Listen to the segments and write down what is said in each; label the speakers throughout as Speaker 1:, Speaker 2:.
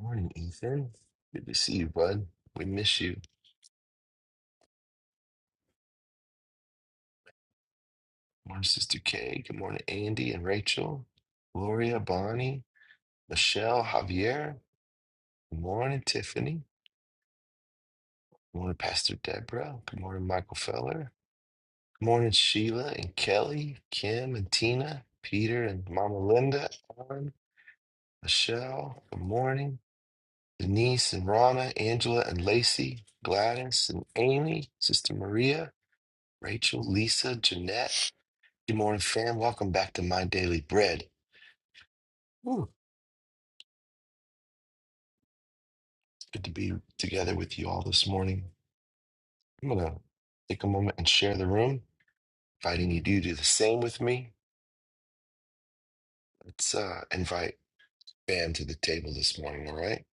Speaker 1: Morning, Ethan. Good to see you, bud. We miss you. Morning, Sister Kay. Good morning, Andy and Rachel, Gloria, Bonnie, Michelle, Javier. Good morning, Tiffany. Good morning, Pastor Deborah. Good morning, Michael Feller. Good morning, Sheila and Kelly, Kim and Tina, Peter and Mama Linda, Alan, Michelle. Good morning, Denise and Rana, Angela and Lacey, Gladys and Amy, Sister Maria, Rachel, Lisa, Jeanette. Good morning, fam. Welcome back to My Daily Bread. Ooh, it's good to be together with you all this morning. I'm gonna take a moment and share the room, inviting you to do the same with me. Let's uh, invite fam to the table this morning. All right,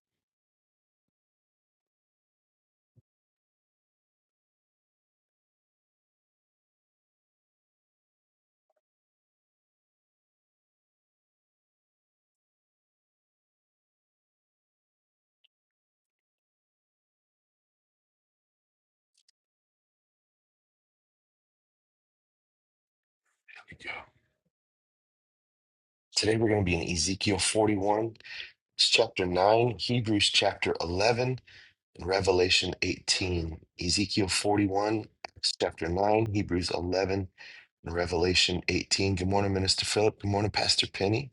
Speaker 1: here we go. Today we're gonna be in Ezekiel 41, it's chapter 9, Hebrews chapter 11, and Revelation 18. Ezekiel 41, Acts chapter 9, Hebrews 11, and Revelation 18. Good morning, Minister Philip. Good morning, Pastor Penny.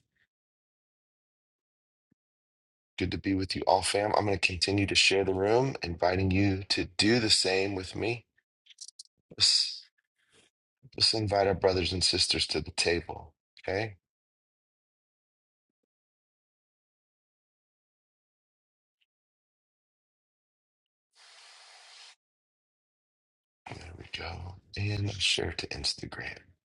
Speaker 1: Good to be with you all, fam. I'm going to continue to share the room, inviting you to do the same with me. Let's, let's invite our brothers and sisters to the table. Okay, there we go. And share to Instagram. There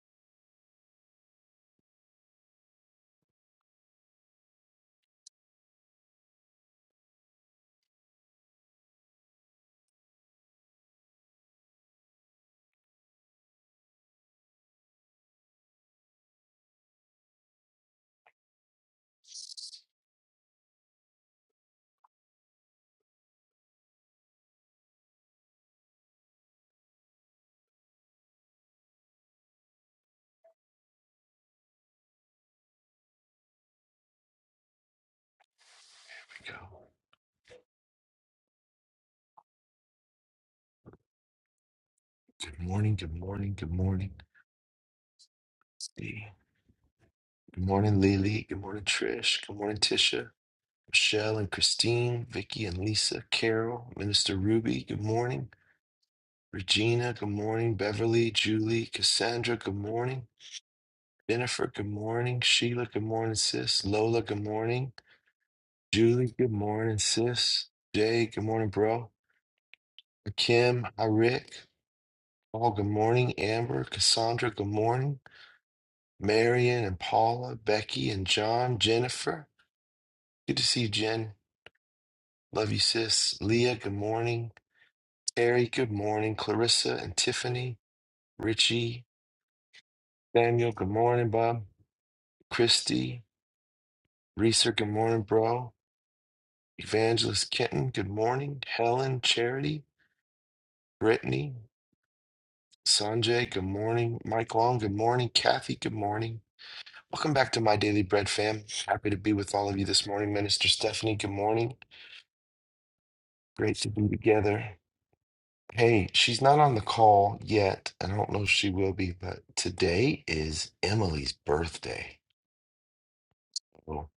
Speaker 1: we go. Good morning, good morning, good morning. Let's See. Good morning, Lily. Good morning, Trish. Good morning, Tisha. Michelle and Christine, Vicky and Lisa, Carol, Minister Ruby, good morning. Regina, good morning. Beverly, Julie, Cassandra, good morning. Jennifer, good morning. Sheila, good morning, sis. Lola, good morning. Julie, good morning, sis. Jay, good morning, bro. Kim, hi, Rick. Paul, good morning. Amber, Cassandra, good morning. Marion and Paula, Becky and John, Jennifer. Good to see you, Jen. Love you, sis. Leah, good morning. Terry, good morning. Clarissa and Tiffany, Richie, Samuel, good morning, Bob. Christy, Reeser, good morning, bro. Evangelist Kenton, good morning. Helen, Charity, Brittany, Sanjay, good morning. Mike Long, good morning. Kathy, good morning. Welcome back to My Daily Bread fam. Happy to be with all of you this morning. Minister Stephanie, good morning. Great to be together. Hey, she's not on the call yet. I don't know if she will be, but today is Emily's birthday. Well,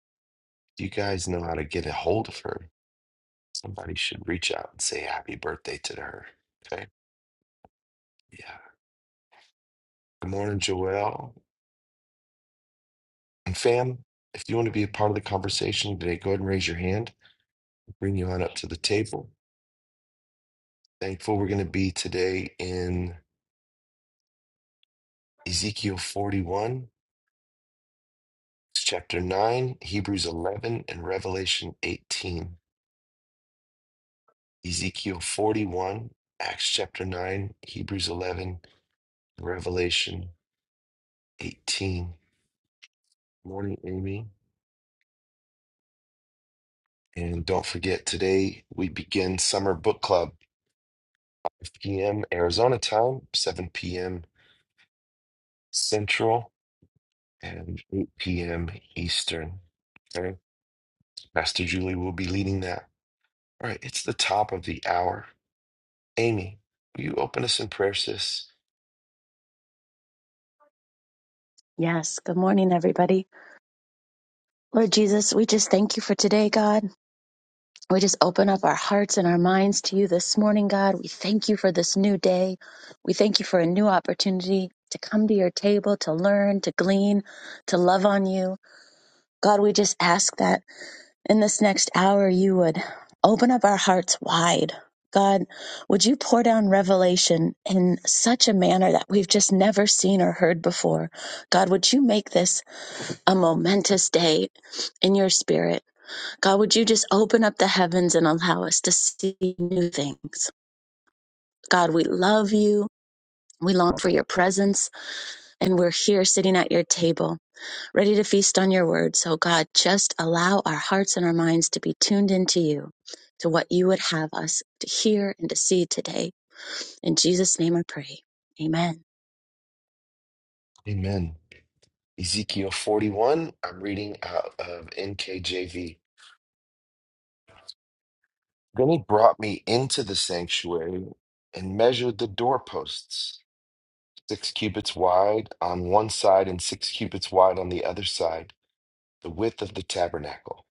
Speaker 1: if you guys know how to get a hold of her, somebody should reach out and say happy birthday to her. Okay. Yeah. Good morning, Joelle. And fam, if you want to be a part of the conversation today, go ahead and raise your hand. I'll Bring you on up to the table. Thankful we're going to be today in Ezekiel 41, chapter 9, Hebrews 11, and Revelation 18. Ezekiel 41, Acts chapter 9, Hebrews 11, Revelation 18. Morning, Amy. And don't forget, today we begin Summer Book Club, 5 p.m. Arizona time, 7 p.m. Central. and 8 p.m. Eastern. Okay. Pastor Julie will be leading that. All right. It's the top of the hour. Amy, will you open us in prayer, sis?
Speaker 2: Yes. Good morning, everybody. Lord Jesus, we just thank you for today, God. We just open up our hearts and our minds to you this morning, God. We thank you for this new day. We thank you for a new opportunity to come to your table, to learn, to glean, to love on you. God, we just ask that in this next hour you would open up our hearts wide. God, would you pour down revelation in such a manner that we've just never seen or heard before? God, would you make this a momentous day in your spirit. God, would you just open up the heavens and allow us to see new things? God, we love you. We long for your presence, and we're here sitting at your table, ready to feast on your word. So, God, just allow our hearts and our minds to be tuned into you, to what you would have us to hear and to see today. In Jesus' name I pray. Amen.
Speaker 1: Amen. Ezekiel 41, I'm reading out of NKJV. Then he brought me into the sanctuary and measured the doorposts, six cubits wide on one side and six cubits wide on the other side, the width of the tabernacle.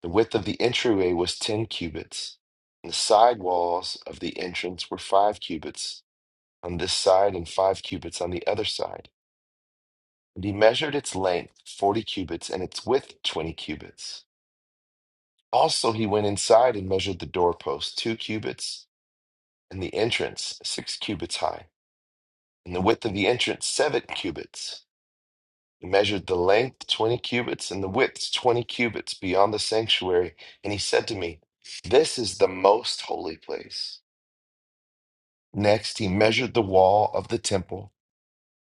Speaker 1: The width of the entryway was ten cubits, and the side walls of the entrance were five cubits on this side and five cubits on the other side. And he measured its length forty cubits and its width twenty cubits. Also he went inside and measured the doorpost two cubits, and the entrance six cubits high, and the width of the entrance seven cubits. He measured the length twenty cubits and the width twenty cubits beyond the sanctuary, and he said to me, This is the most holy place. Next, he measured the wall of the temple,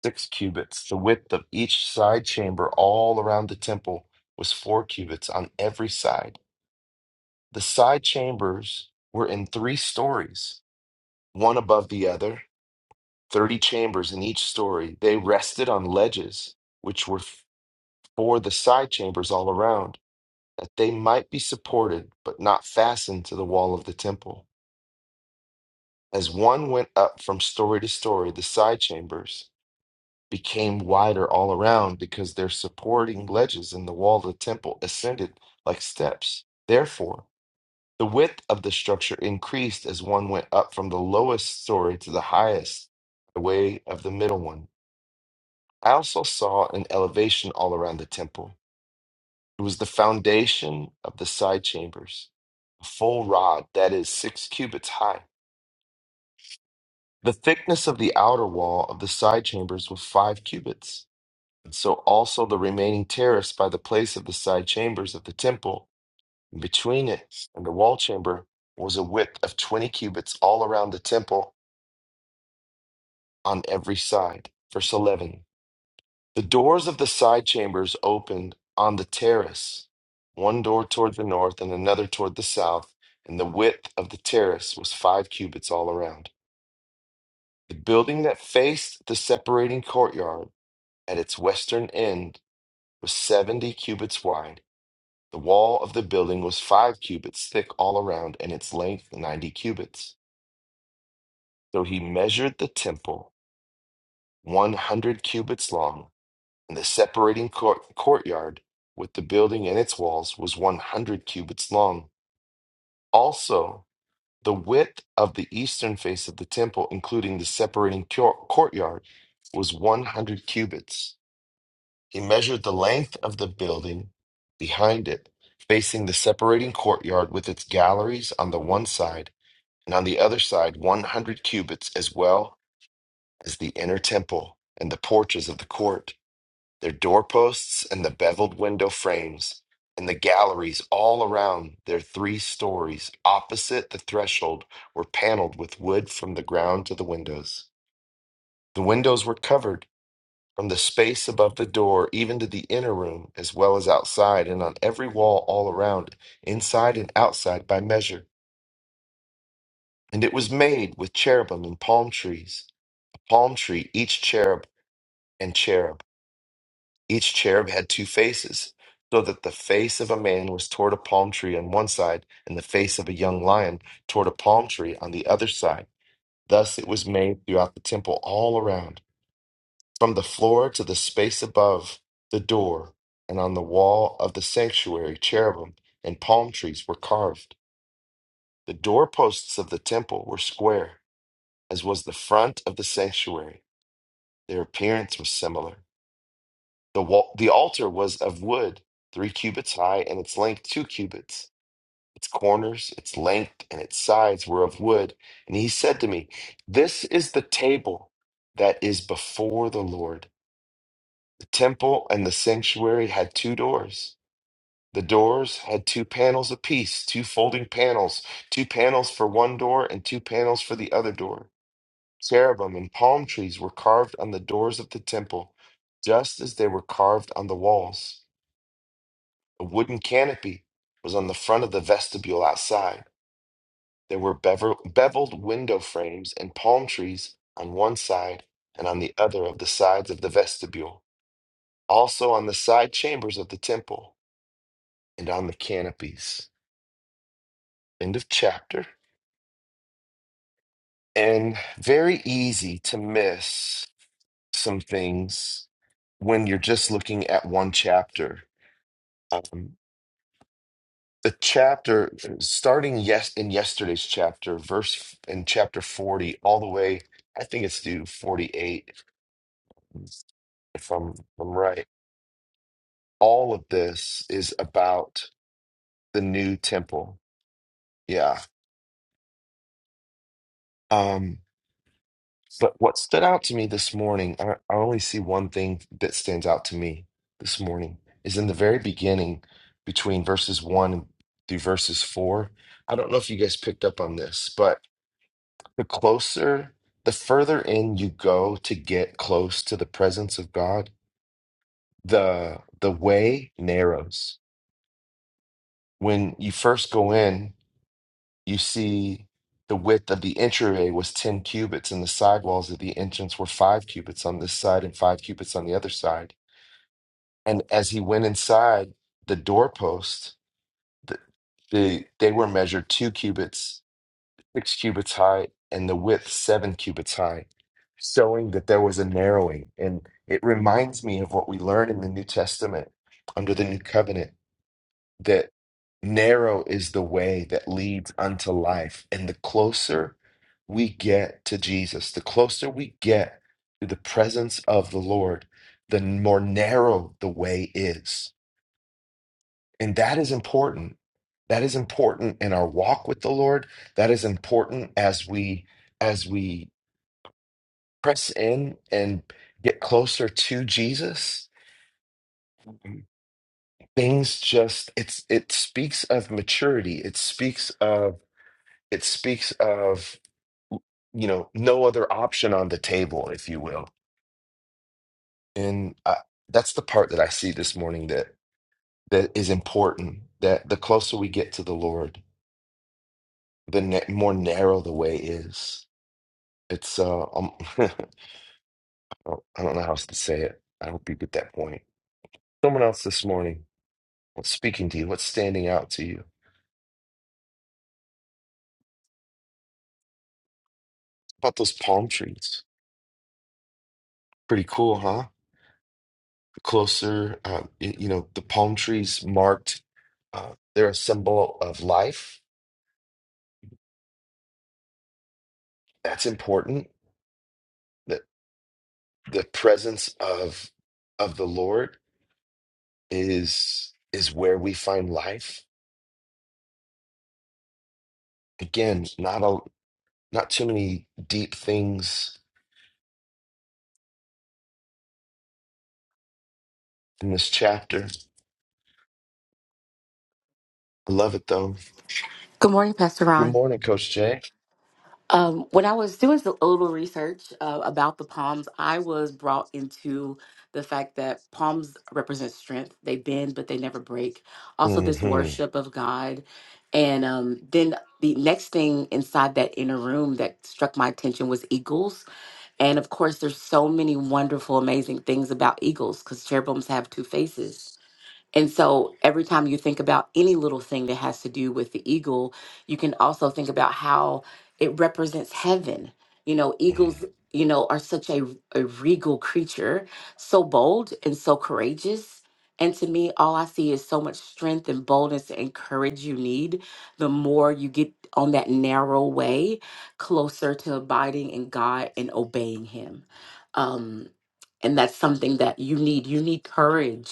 Speaker 1: six cubits. The width of each side chamber all around the temple was four cubits on every side. The side chambers were in three stories, one above the other, 30 chambers in each story. They rested on ledges, which were for the side chambers all around, that they might be supported but not fastened to the wall of the temple. As one went up from story to story, the side chambers, became wider all around because their supporting ledges in the wall of the temple ascended like steps. Therefore, the width of the structure increased as one went up from the lowest story to the highest, by way of the middle one. I also saw an elevation all around the temple. It was the foundation of the side chambers, a full rod that is six cubits high. The thickness of the outer wall of the side chambers was five cubits And so also the remaining terrace by the place of the side chambers of the temple, and between it and the wall chamber, was a width of 20 cubits all around the temple on every side. Verse 11 The doors of the side chambers opened on the terrace, one door toward the north and another toward the south, and the width of the terrace was five cubits all around. The building that faced the separating courtyard at its western end was 70 cubits wide The wall of the building was five cubits thick all around, and its length ninety cubits. So he measured the temple one hundred cubits long, and the separating court- courtyard with the building and its walls was one hundred cubits long. Also, the width of the eastern face of the temple, including the separating cour- courtyard, was one hundred cubits. He measured the length of the building behind it, facing the separating courtyard with its galleries on the one side and on the other side 100 cubits as well as the inner temple and the porches of the court, their doorposts and the beveled window frames, and the galleries all around their three stories opposite the threshold were paneled with wood from the ground to the windows. The windows were covered from the space above the door even to the inner room as well as outside and on every wall all around inside and outside by measure and it was made with cherubim and palm trees palm tree, each cherub and cherub. Each cherub had two faces, so that the face of a man was toward a palm tree on one side, and the face of a young lion toward a palm tree on the other side. Thus it was made throughout the temple all around, from the floor to the space above the door, and on the wall of the sanctuary, cherubim and palm trees were carved. The doorposts of the temple were square, as was the front of the sanctuary. Their appearance was similar The wall, the altar was of wood, three cubits high, and its length two cubits. Its corners, its length, and its sides were of wood. And he said to me, This is the table that is before the Lord. The temple and the sanctuary had two doors. The doors had two panels apiece, two folding panels, two panels for one door and two panels for the other door. Cherubim and palm trees were carved on the doors of the temple, just as they were carved on the walls. A wooden canopy was on the front of the vestibule outside. There were bevel- beveled window frames and palm trees on one side and on the other of the sides of the vestibule, also on the side chambers of the temple and on the canopies. End of chapter. And very easy to miss some things when you're just looking at one chapter. Um, the chapter starting yes in yesterday's chapter verse in chapter 40 all the way i think it's through 48 if i'm, if I'm right all of this is about the new temple yeah um but what stood out to me this morning i, I only see one thing that stands out to me this morning is in the very beginning between verses 1 through verses 4 i don't know if you guys picked up on this but the closer, the further in you go to get close to the presence of God, the the way narrows. When you first go in, you see the width of the entryway was 10 cubits, and the side walls of the entrance were five cubits on this side and five cubits on the other side. And as he went inside, the doorpost, the, the, they were measured two cubits six cubits high and the width seven cubits high, showing that there was a narrowing. And it reminds me of what we learn in the New Testament under the New Covenant that narrow is the way that leads unto life. And the closer we get to Jesus, the closer we get to the presence of the Lord, the more narrow the way is. And that is important. That is important in our walk with the Lord. That is important as we as we press in and get closer to Jesus. Things just it's it speaks of maturity. It speaks of it speaks of you know no other option on the table, if you will. And I, that's the part that I see this morning that that is important. That the closer we get to the Lord, the na- more narrow the way is It's uh, um, I don't I don't know how else to say it. I hope you get that point. Someone else this morning, what's speaking to you? What's standing out to you about those palm trees? Pretty cool, huh? Closer, uh, y- you know, the palm trees marked. Uh, they're a symbol of life. That's important. That the presence of of the Lord is is where we find life. Again, not a not too many deep things in this chapter. I love it though
Speaker 3: Good morning, Pastor
Speaker 1: Good
Speaker 3: Ron.
Speaker 1: morning, Coach Jay.
Speaker 3: Um, when I was doing a little research uh, about the palms, I was brought into the fact that palms represent strength. They bend, but they never break. Also, this
Speaker 1: hmm
Speaker 3: worship of God. And um, then the next thing inside that inner room that struck my attention was eagles. And of course, there's so many wonderful, amazing things about eagles because cherubims have two faces and so every time you think about any little thing that has to do with the eagle, you can also think about how it represents heaven. You know, eagles, you know, are such a, a regal creature, so bold and so courageous. And to me, all I see is so much strength and boldness and courage you need the more you get on that narrow way closer to abiding in God and obeying Him. Um, and that's something that you need. You need courage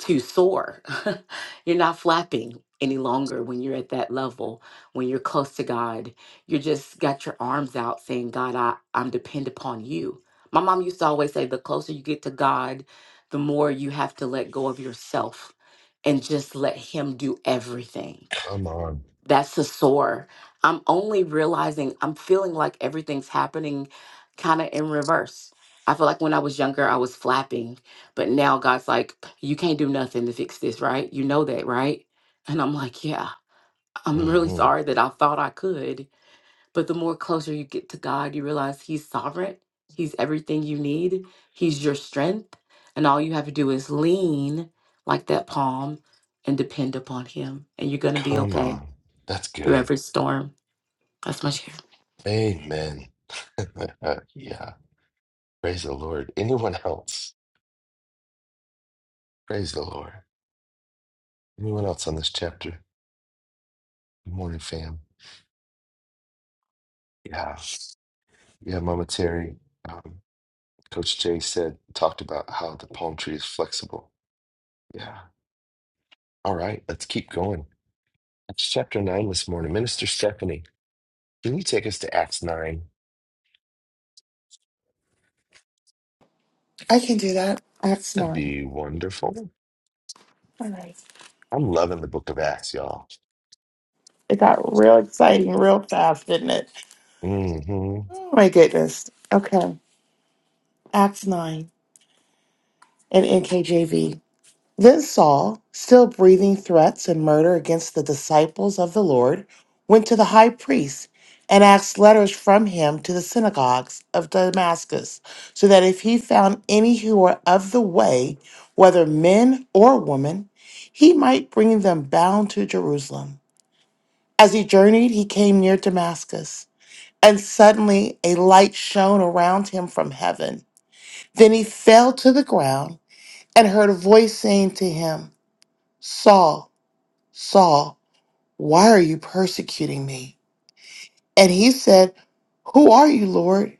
Speaker 3: to soar. you're not flapping any longer when you're at that level, when you're close to God. you just got your arms out saying, God, I, I'm depend upon you. My mom used to always say, the closer you get to God, the more you have to let go of yourself and just let Him do everything
Speaker 1: Come on.
Speaker 3: that's the sore. I'm only realizing I'm feeling like everything's happening kind of in reverse. I feel like when I was younger, I was flapping, but now God's like, you can't do nothing to fix this, right? You know that, right? And I'm like, yeah, I'm really
Speaker 1: hmm
Speaker 3: sorry that I thought I could. But the more closer you get to God, you realize He's sovereign, He's everything you need, He's your strength. And all you have to do is lean like that palm and depend upon Him, and you're going to be
Speaker 1: Come
Speaker 3: okay
Speaker 1: on. That's
Speaker 3: through
Speaker 1: good.
Speaker 3: every storm. That's my share.
Speaker 1: Amen. yeah. Praise the Lord. Anyone else? Praise the Lord. Anyone else on this chapter? Good morning, fam. Yeah. Yeah, Mama Terry. Um, Coach Jay said, talked about how the palm tree is flexible. Yeah. All right. Let's keep going. It's chapter nine this morning. Minister Stephanie, can you take us to Acts 9?
Speaker 4: I can do that. I have
Speaker 1: That'd be wonderful.
Speaker 4: All right.
Speaker 1: I'm loving the book of Acts, y'all.
Speaker 4: It got real exciting real fast, didn't it?
Speaker 1: hmm
Speaker 4: Oh my goodness. Okay. Acts 9 and NKJV. Then Saul, still breathing threats and murder against the disciples of the Lord, went to the high priest and asked letters from him to the synagogues of Damascus, so that if he found any who were of the way, whether men or women, he might bring them bound to Jerusalem. As he journeyed, he came near Damascus, and suddenly a light shone around him from heaven. Then he fell to the ground and heard a voice saying to him, Saul, Saul, why are you persecuting me? And he said, Who are you, Lord?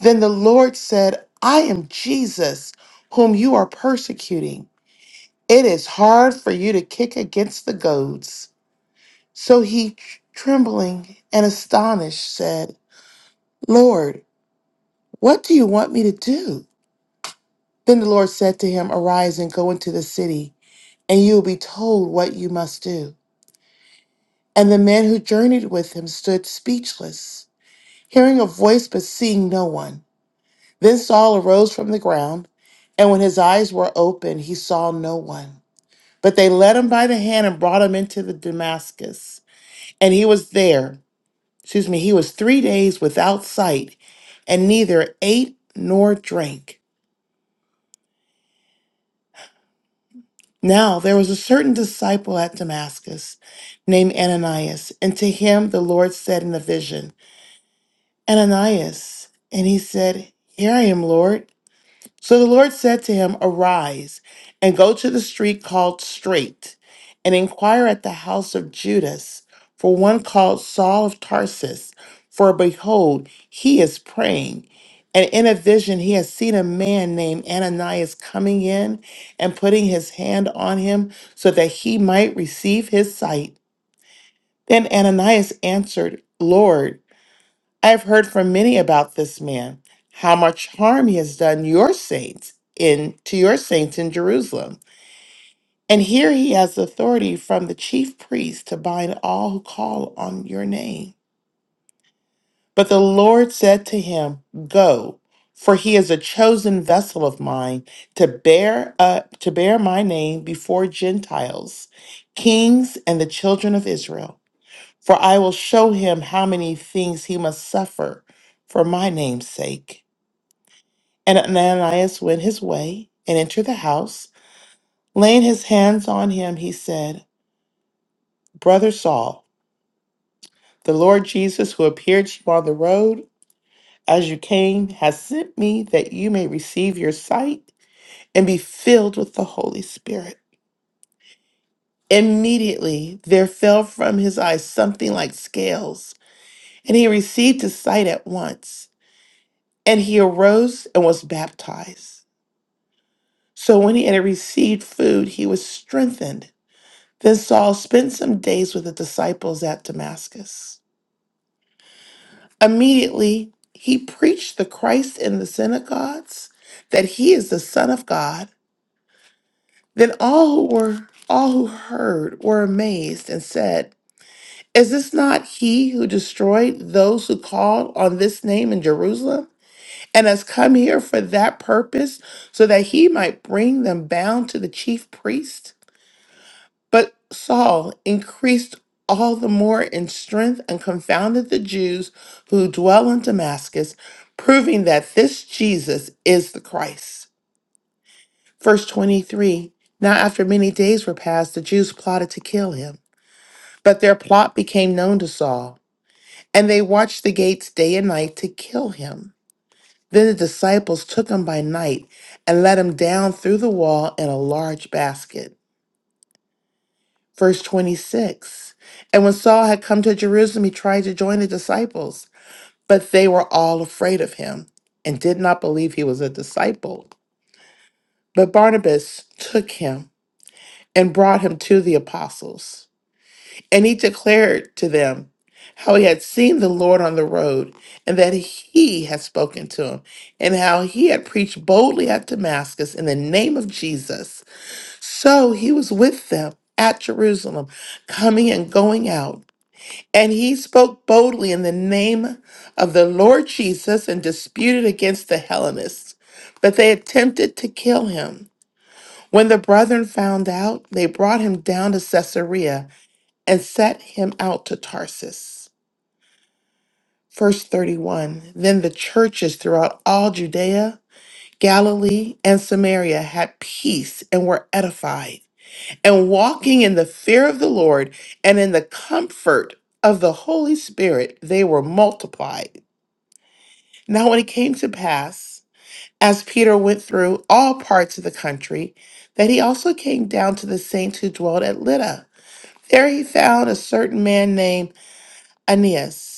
Speaker 4: Then the Lord said, I am Jesus, whom you are persecuting. It is hard for you to kick against the goads. So he, trembling and astonished, said, Lord, What do you want me to do? Then the Lord said to him, Arise and go into the city, and you will be told what you must do. And the men who journeyed with him stood speechless, hearing a voice but seeing no one. Then Saul arose from the ground, and when his eyes were opened, he saw no one. But they led him by the hand and brought him into the Damascus. And he was there, excuse me, he was three days without sight, and neither ate nor drank. Now there was a certain disciple at Damascus named Ananias, and to him the Lord said in a vision, Ananias. And he said, Here I am, Lord. So the Lord said to him, Arise and go to the street called Straight, and inquire at the house of Judas for one called Saul of Tarsus. For behold, he is praying. And in a vision, he has seen a man named Ananias coming in and putting his hand on him so that he might receive his sight. Then Ananias answered, Lord, I've heard from many about this man, how much harm he has done your saints in to your saints in Jerusalem. And here he has authority from the chief priest to bind all who call on your name. But the Lord said to him, Go, for he is a chosen vessel of mine to bear up to bear my name before Gentiles, kings and the children of Israel. For I will show him how many things he must suffer for my name's sake. And Ananias went his way and entered the house. Laying his hands on him, he said, Brother Saul, the Lord Jesus, who appeared to you on the road as you came, has sent me that you may receive your sight and be filled with the Holy Spirit. Immediately there fell from his eyes something like scales, and he received his sight at once. And he arose and was baptized. So when he had received food, he was strengthened. Then Saul spent some days with the disciples at Damascus. Immediately, he preached the Christ in the synagogues, that he is the Son of God. Then all who were all who heard were amazed and said, Is this not he who destroyed those who called on this name in Jerusalem and has come here for that purpose, so that he might bring them bound to the chief priest? But Saul increased all the more in strength and confounded the Jews who dwell in Damascus, proving that this Jesus is the Christ. Verse 23 Now, after many days were passed, the Jews plotted to kill him, but their plot became known to Saul, and they watched the gates day and night to kill him. Then the disciples took him by night and let him down through the wall in a large basket. Verse 26 And when Saul had come to Jerusalem, he tried to join the disciples, but they were all afraid of him and did not believe he was a disciple. But Barnabas took him and brought him to the apostles. And he declared to them how he had seen the Lord on the road and that he had spoken to him, and how he had preached boldly at Damascus in the name of Jesus. So he was with them at Jerusalem, coming and going out And he spoke boldly in the name of the Lord Jesus and disputed against the Hellenists. But they attempted to kill him. When the brethren found out, they brought him down to Caesarea and set him out to Tarsus. Verse 31 Then the churches throughout all Judea, Galilee, and Samaria had peace and were edified. And walking in the fear of the Lord and in the comfort of the Holy Spirit, they were multiplied. Now, when it came to pass, as Peter went through all parts of the country, that he also came down to the saints who dwelt at Lydda. There he found a certain man named Aeneas,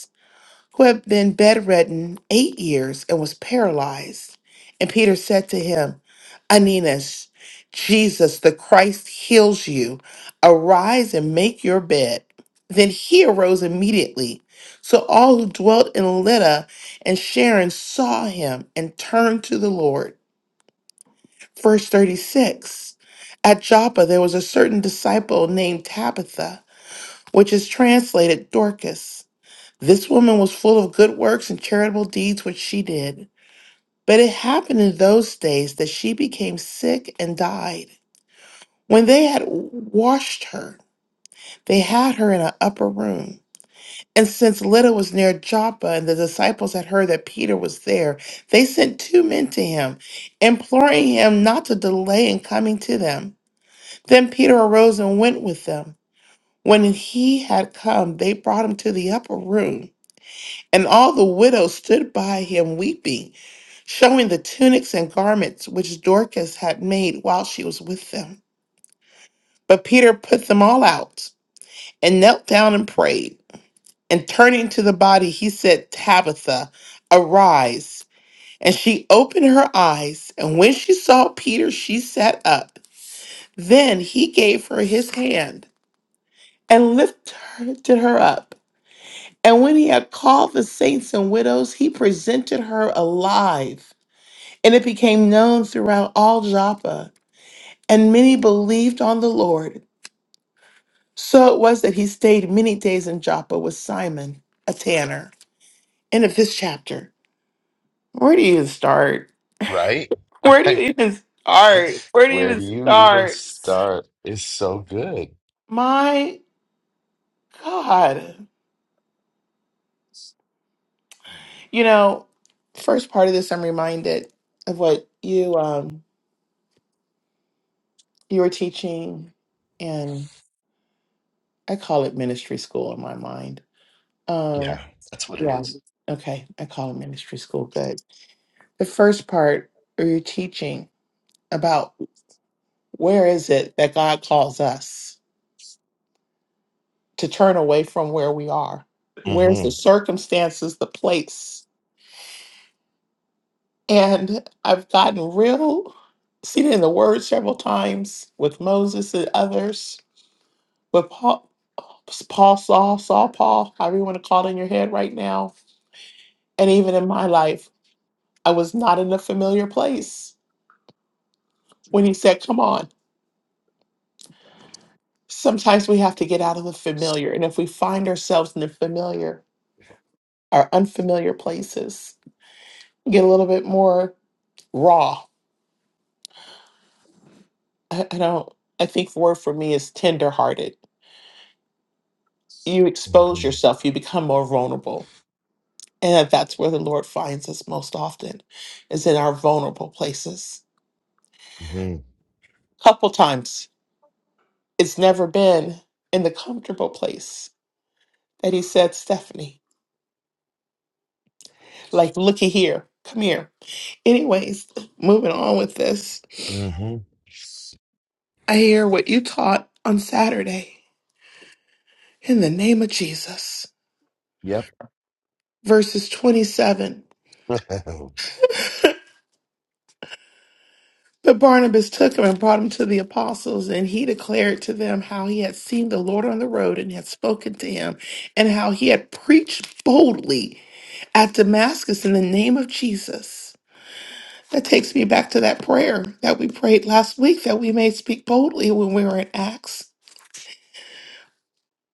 Speaker 4: who had been bedridden eight years and was paralyzed. And Peter said to him, Aeneas, Jesus the Christ heals you. Arise and make your bed. Then he arose immediately. So all who dwelt in Lydda and Sharon saw him and turned to the Lord. Verse 36 At Joppa there was a certain disciple named Tabitha, which is translated Dorcas. This woman was full of good works and charitable deeds which she did. But it happened in those days that she became sick and died. When they had washed her, they had her in an upper room. And since Lydda was near Joppa, and the disciples had heard that Peter was there, they sent two men to him, imploring him not to delay in coming to them. Then Peter arose and went with them. When he had come, they brought him to the upper room. And all the widows stood by him weeping, showing the tunics and garments which Dorcas had made while she was with them. But Peter put them all out and knelt down and prayed. And turning to the body, he said, Tabitha, arise. And she opened her eyes. And when she saw Peter, she sat up. Then he gave her his hand and lifted her up. And when he had called the saints and widows, he presented her alive and it became known throughout all Joppa, and many believed on the Lord. So it was that he stayed many days in Joppa with Simon, a tanner. End of this chapter. Where do you even start?
Speaker 1: Right?
Speaker 4: Where do you
Speaker 1: I,
Speaker 4: even start? Where do you
Speaker 1: where
Speaker 4: even
Speaker 1: do you even
Speaker 4: start?
Speaker 1: start? It's so good.
Speaker 4: My God. You know, first part of this, I'm reminded of what you um you were teaching, and I call it ministry school in my mind. Um,
Speaker 1: Yeah, that's what it
Speaker 4: Yeah.
Speaker 1: is.
Speaker 4: Okay. I call it ministry school. Good. The first part where you're teaching about where is it that God calls us to turn away from where we are?
Speaker 1: Mm-hmm.
Speaker 4: Where's the circumstances, the place? And I've gotten real, seen it in the word several times with Moses and others, with Paul, Paul Saul, Saul Paul, however you want to call it in your head right now. And even in my life, I was not in a familiar place when he said, Come on. sometimes we have to get out of the familiar. And if we find ourselves in the familiar our unfamiliar places, get a little bit more raw. I, I don't, I think the word for me is tenderhearted. You expose
Speaker 1: Mm-hmm.
Speaker 4: yourself, you become more vulnerable. And that's where the Lord finds us most often, is in our vulnerable places.
Speaker 1: Mm-hmm.
Speaker 4: Couple times, it's never been in the comfortable place that He said, Stephanie, like, looky here, come here. Anyways, moving on with this
Speaker 1: Mm-hmm.
Speaker 4: I hear what you taught on Saturday in the name of Jesus.
Speaker 1: Yep.
Speaker 4: Verses 27. But Barnabas took him and brought him to the apostles, and he declared to them how he had seen the Lord on the road and had spoken to him, and how he had preached boldly at Damascus in the name of Jesus. That takes me back to that prayer that we prayed last week that we may speak boldly when we were in Acts.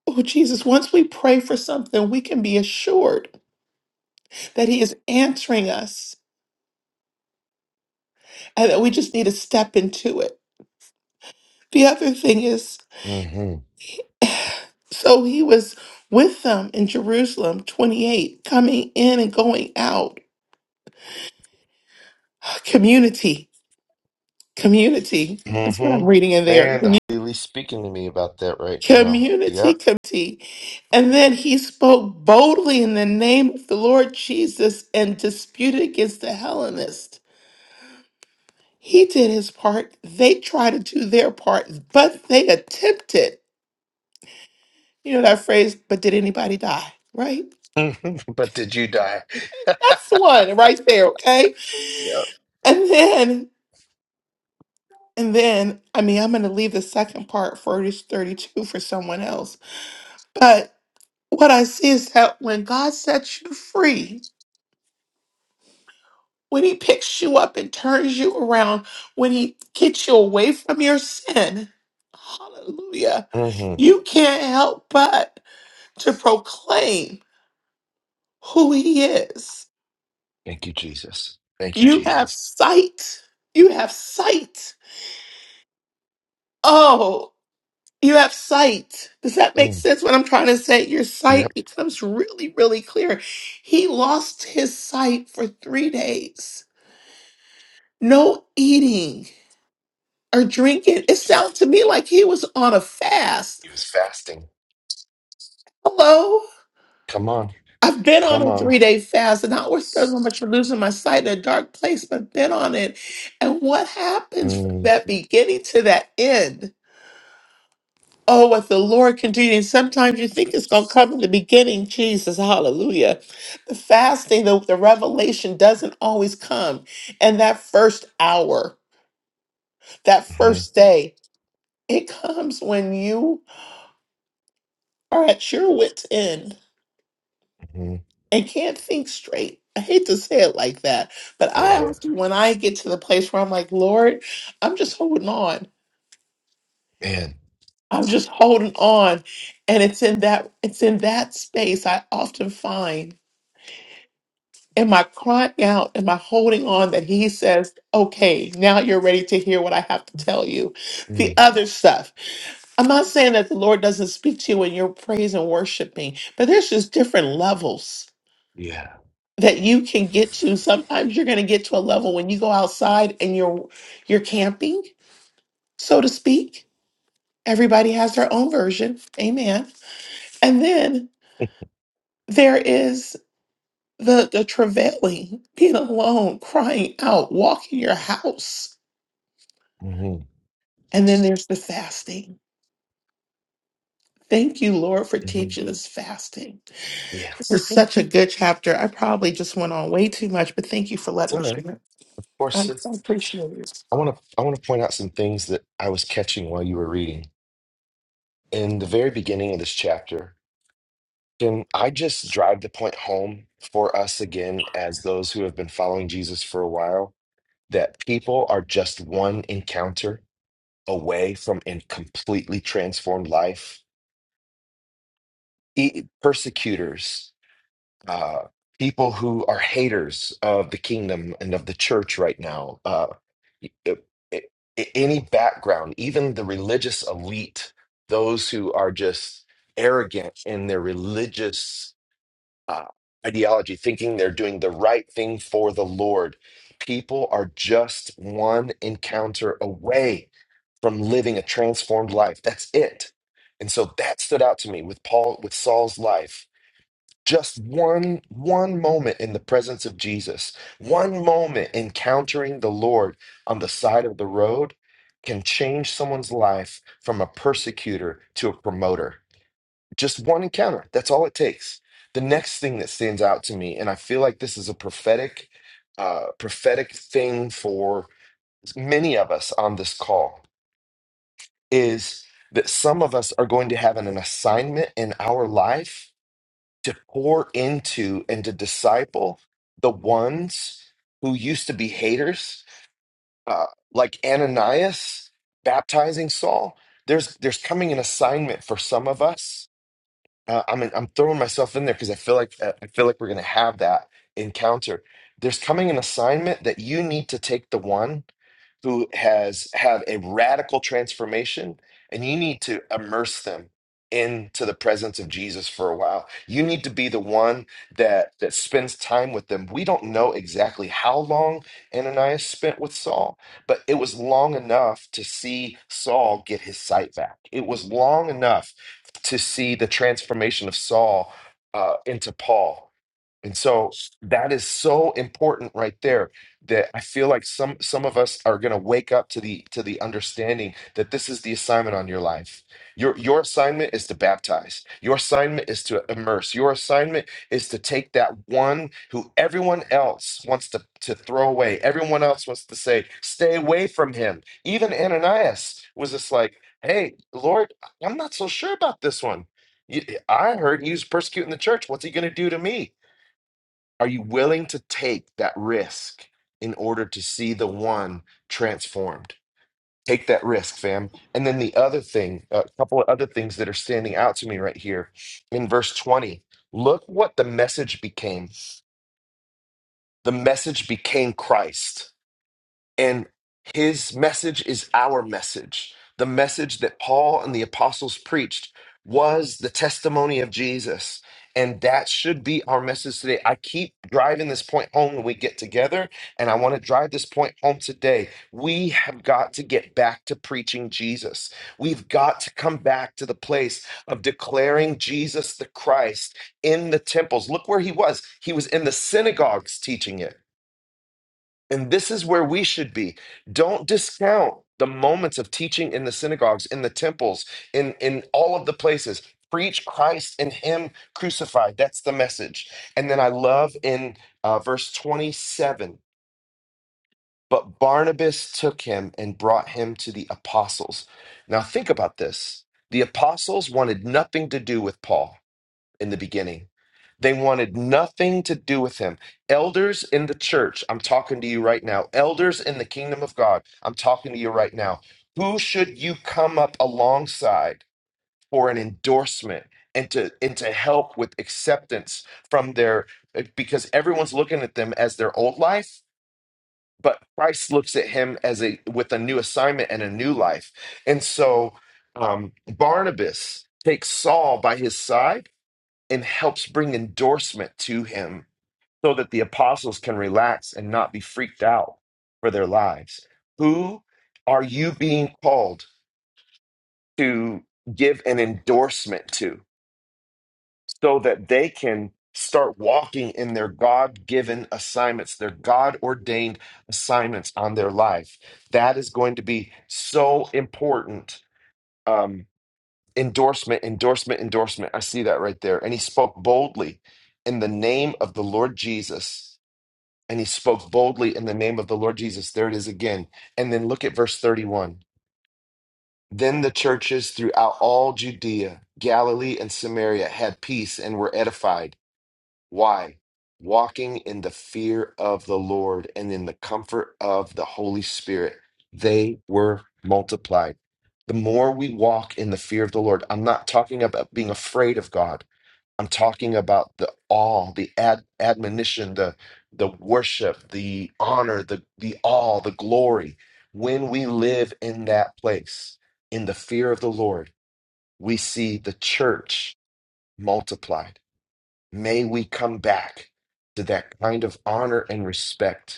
Speaker 4: Oh, Jesus, once we pray for something, we can be assured that he is answering us and that we just need to step into it. The other thing is,
Speaker 1: mm-hmm.
Speaker 4: so he was with them in Jerusalem, 28, coming in and going out. Community, community. That's what I'm
Speaker 1: Mm-hmm.
Speaker 4: reading in there.
Speaker 1: Man, the Holy speaking to me about that right now.
Speaker 4: Community,
Speaker 1: Yep.
Speaker 4: community. And then he spoke boldly in the name of the Lord Jesus and disputed against the Hellenists. He did his part. They tried to do their part, but they attempted. You know that phrase, but did anybody die? Right?
Speaker 1: but did you die?
Speaker 4: That's the one right there, okay?
Speaker 1: Yep.
Speaker 4: And then, and then, I mean, I'm going to leave the second part for verse 32 for someone else. But what I see is that when God sets you free, when He picks you up and turns you around, when He gets you away from your sin, hallelujah,
Speaker 1: hmm
Speaker 4: you can't help but to proclaim who He is.
Speaker 1: Thank you, Jesus. Thank you,
Speaker 4: You have
Speaker 1: Jesus.
Speaker 4: sight. You have sight. Oh, You have sight. Does that make
Speaker 1: Mm.
Speaker 4: sense what I'm trying to say? Your sight
Speaker 1: Yep.
Speaker 4: becomes really, really clear. He lost his sight for three days. No eating or drinking. It sounds to me like he was on a fast.
Speaker 1: He was fasting.
Speaker 4: Hello?
Speaker 1: Come on.
Speaker 4: I've been on
Speaker 1: Come
Speaker 4: a three
Speaker 1: on.
Speaker 4: day fast and I always thought how much for losing my sight in a dark place, but I've been on it. And what happens from
Speaker 1: Mm,
Speaker 4: that beginning to that end? Oh, what the Lord can do. And sometimes you think it's going to come in the beginning. Jesus, hallelujah. The fasting, the, the revelation doesn't always come. And that first hour, that
Speaker 1: hmm
Speaker 4: first day, it comes when you are at your wit's end
Speaker 1: hmm
Speaker 4: and can't think straight. I hate to say it like that, but I
Speaker 1: Yeah.
Speaker 4: often, when I get to the place where I'm like, Lord, I'm just holding on.
Speaker 1: Man.
Speaker 4: I'm just holding on. And it's in that, it's in that space I often find. Am I crying out? Am I holding on that he says, okay, now you're ready to hear what I have to tell you? The
Speaker 1: Mm,
Speaker 4: other stuff. I'm not saying that the Lord doesn't speak to you when you're praise and worshiping, but there's just different levels
Speaker 1: yeah.
Speaker 4: that you can get to. Sometimes you're going to get to a level when you go outside and you're you're camping, so to speak. Everybody has their own version. Amen. And then there is the the travailing, being alone, crying out, walking your house
Speaker 1: hmm
Speaker 4: And then there's the fasting. Thank you, Lord, for
Speaker 1: hmm
Speaker 4: teaching us fasting.
Speaker 1: Yeah.
Speaker 4: This is such a good chapter. I probably just went on way too much, but thank you for
Speaker 1: It's
Speaker 4: letting
Speaker 1: all
Speaker 4: me
Speaker 1: right. Of
Speaker 4: share. I
Speaker 1: course,
Speaker 4: I
Speaker 1: it's,
Speaker 4: appreciate it.
Speaker 1: I want to I want to point out some things that I was catching while you were reading. In the very beginning of this chapter, can I just drive the point home for us again as those who have been following Jesus for a while that people are just one encounter away from a completely transformed life? E- persecutors uh, people who are haters of the kingdom and of the church right now, uh, y- uh, any background, even the religious elite, those who are just arrogant in their religious uh, ideology, thinking they're doing the right thing for the Lord. People are just one encounter away from living a transformed life. That's it. And so that stood out to me with Paul, with Saul's life just one one moment in the presence of Jesus, one moment encountering the Lord on the side of the road can change someone's life from a persecutor to a promoter. Just one encounter, that's all it takes. The next thing that stands out to me, and I feel like this is a prophetic uh, prophetic thing for many of us on this call is that some of us are going to have an, an assignment in our life to pour into and to disciple the ones who used to be haters, uh, like Ananias baptizing Saul. There's there's coming an assignment for some of us uh, I'm I'm throwing myself in there because I feel like uh, I feel like we're gonna have that encounter. There's coming an assignment that you need to take the one who has had a radical transformation, and you need to immerse them into the presence of Jesus for a while. You need to be the one that that spends time with them. We don't know exactly how long Ananias spent with Saul, but it was long enough to see Saul get his sight back. It was long enough to see the transformation of Saul uh, into Paul. And so that is so important right there that I feel like some some of us are going to wake up to the to the understanding that this is the assignment on your life. Your your assignment is to baptize. Your assignment is to immerse. Your assignment is to take that one who everyone else wants to to throw away. Everyone else wants to say, "Stay away from him." Even Ananias was just like, "Hey, Lord, I'm not so sure about this one. You- I heard he was persecuting the church. What's he going to do to me?" Are you willing to take that risk in order to see the one transformed? Take that risk, fam. And then the other thing, a couple of other things that are standing out to me right here in verse 20. Look what the message became. The message became Christ. And his message is our message. The message that Paul and the apostles preached was the testimony of Jesus. And that should be our message today. I keep driving this point home when we get together, and I want to drive this point home today. We have got to get back to preaching Jesus. We've got to come back to the place of declaring Jesus the Christ in the temples. Look where he was. He was in the synagogues teaching it. And this is where we should be. Don't discount the moments of teaching in the synagogues, in the temples, in, in all of the places. Preach Christ and Him crucified. That's the message. And then I love in uh, verse 27 but Barnabas took him and brought him to the apostles. Now think about this the apostles wanted nothing to do with Paul in the beginning they wanted nothing to do with him. Elders in the church, I'm talking to you right now. Elders in the kingdom of God, I'm talking to you right now. Who should you come up alongside for an endorsement and to and to help with acceptance from their uh, because everyone's looking at them as their old life, but Christ looks at him as a with a new assignment and a new life. And so um, Barnabas takes Saul by his side and helps bring endorsement to him so that the apostles can relax and not be freaked out for their lives. Who are you being called to give an endorsement to so that they can start walking in their God given assignments, their God ordained assignments on their life? That is going to be so important. Um, endorsement, endorsement, endorsement. I see that right there. And he spoke boldly in the name of the Lord Jesus. and he spoke boldly in the name of the Lord Jesus. There it is again. And then look at verse 31. Then the churches throughout all Judea, Galilee, and Samaria had peace and were edified. Why? Walking in the fear of the Lord and in the comfort of the Holy Spirit, they were multiplied. The more we walk in the fear of the Lord, I'm not talking about being afraid of God. I'm talking about the all, the ad, admonition, the the worship, the honor, the the all, the glory. When we live in that place, in the fear of the Lord, we see the church multiplied. May we come back to that kind of honor and respect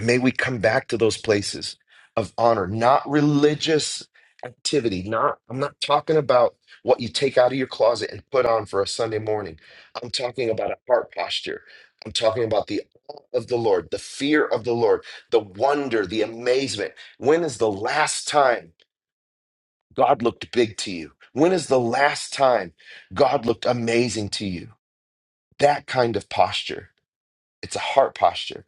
Speaker 1: May we come back to those places of honor, not religious activity. Not I'm not talking about what you take out of your closet and put on for a Sunday morning. I'm talking about a heart posture. I'm talking about the awe of the Lord, the fear of the Lord, the wonder, the amazement. When is the last time God looked big to you? When is the last time God looked amazing to you? That kind of posture. It's a heart posture.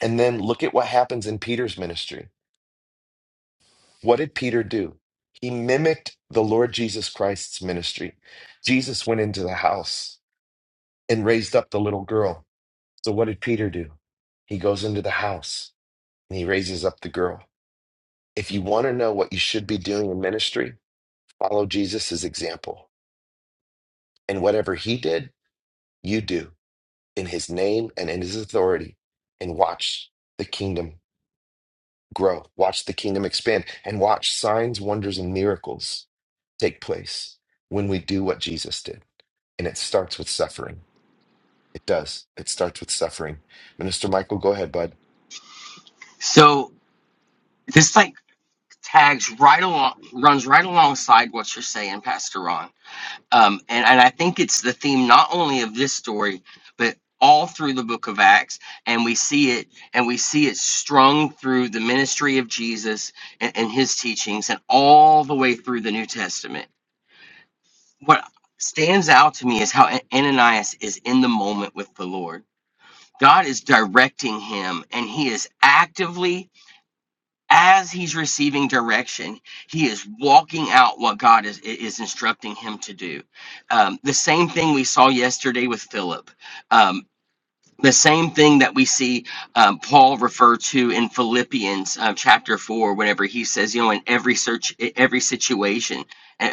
Speaker 1: And then look at what happens in Peter's ministry What did Peter do? He mimicked the Lord Jesus Christ's ministry. Jesus went into the house and raised up the little girl. So, what did Peter do? He goes into the house and he raises up the girl. If you want to know what you should be doing in ministry, follow Jesus' example. And whatever he did, you do in his name and in his authority and watch the kingdom grow, watch the kingdom expand, and watch signs, wonders, and miracles take place when we do what Jesus did. And it starts with suffering. It does. It starts with suffering. Minister Michael, go ahead, bud.
Speaker 5: So this like tags right along, runs right alongside what you're saying, Pastor Ron. Um, and, and I think it's the theme not only of this story, but all through the book of Acts. And we see it, and we see it strung through the ministry of Jesus and, and his teachings, and all the way through the New Testament. What stands out to me is how Ananias is in the moment with the Lord. God is directing him, and he is actively as he's receiving direction, he is walking out what God is, is instructing him to do. Um, the same thing we saw yesterday with Philip. Um, the same thing that we see um, Paul refer to in Philippians uh, chapter four, whenever he says, you know, in every search, e, every situation,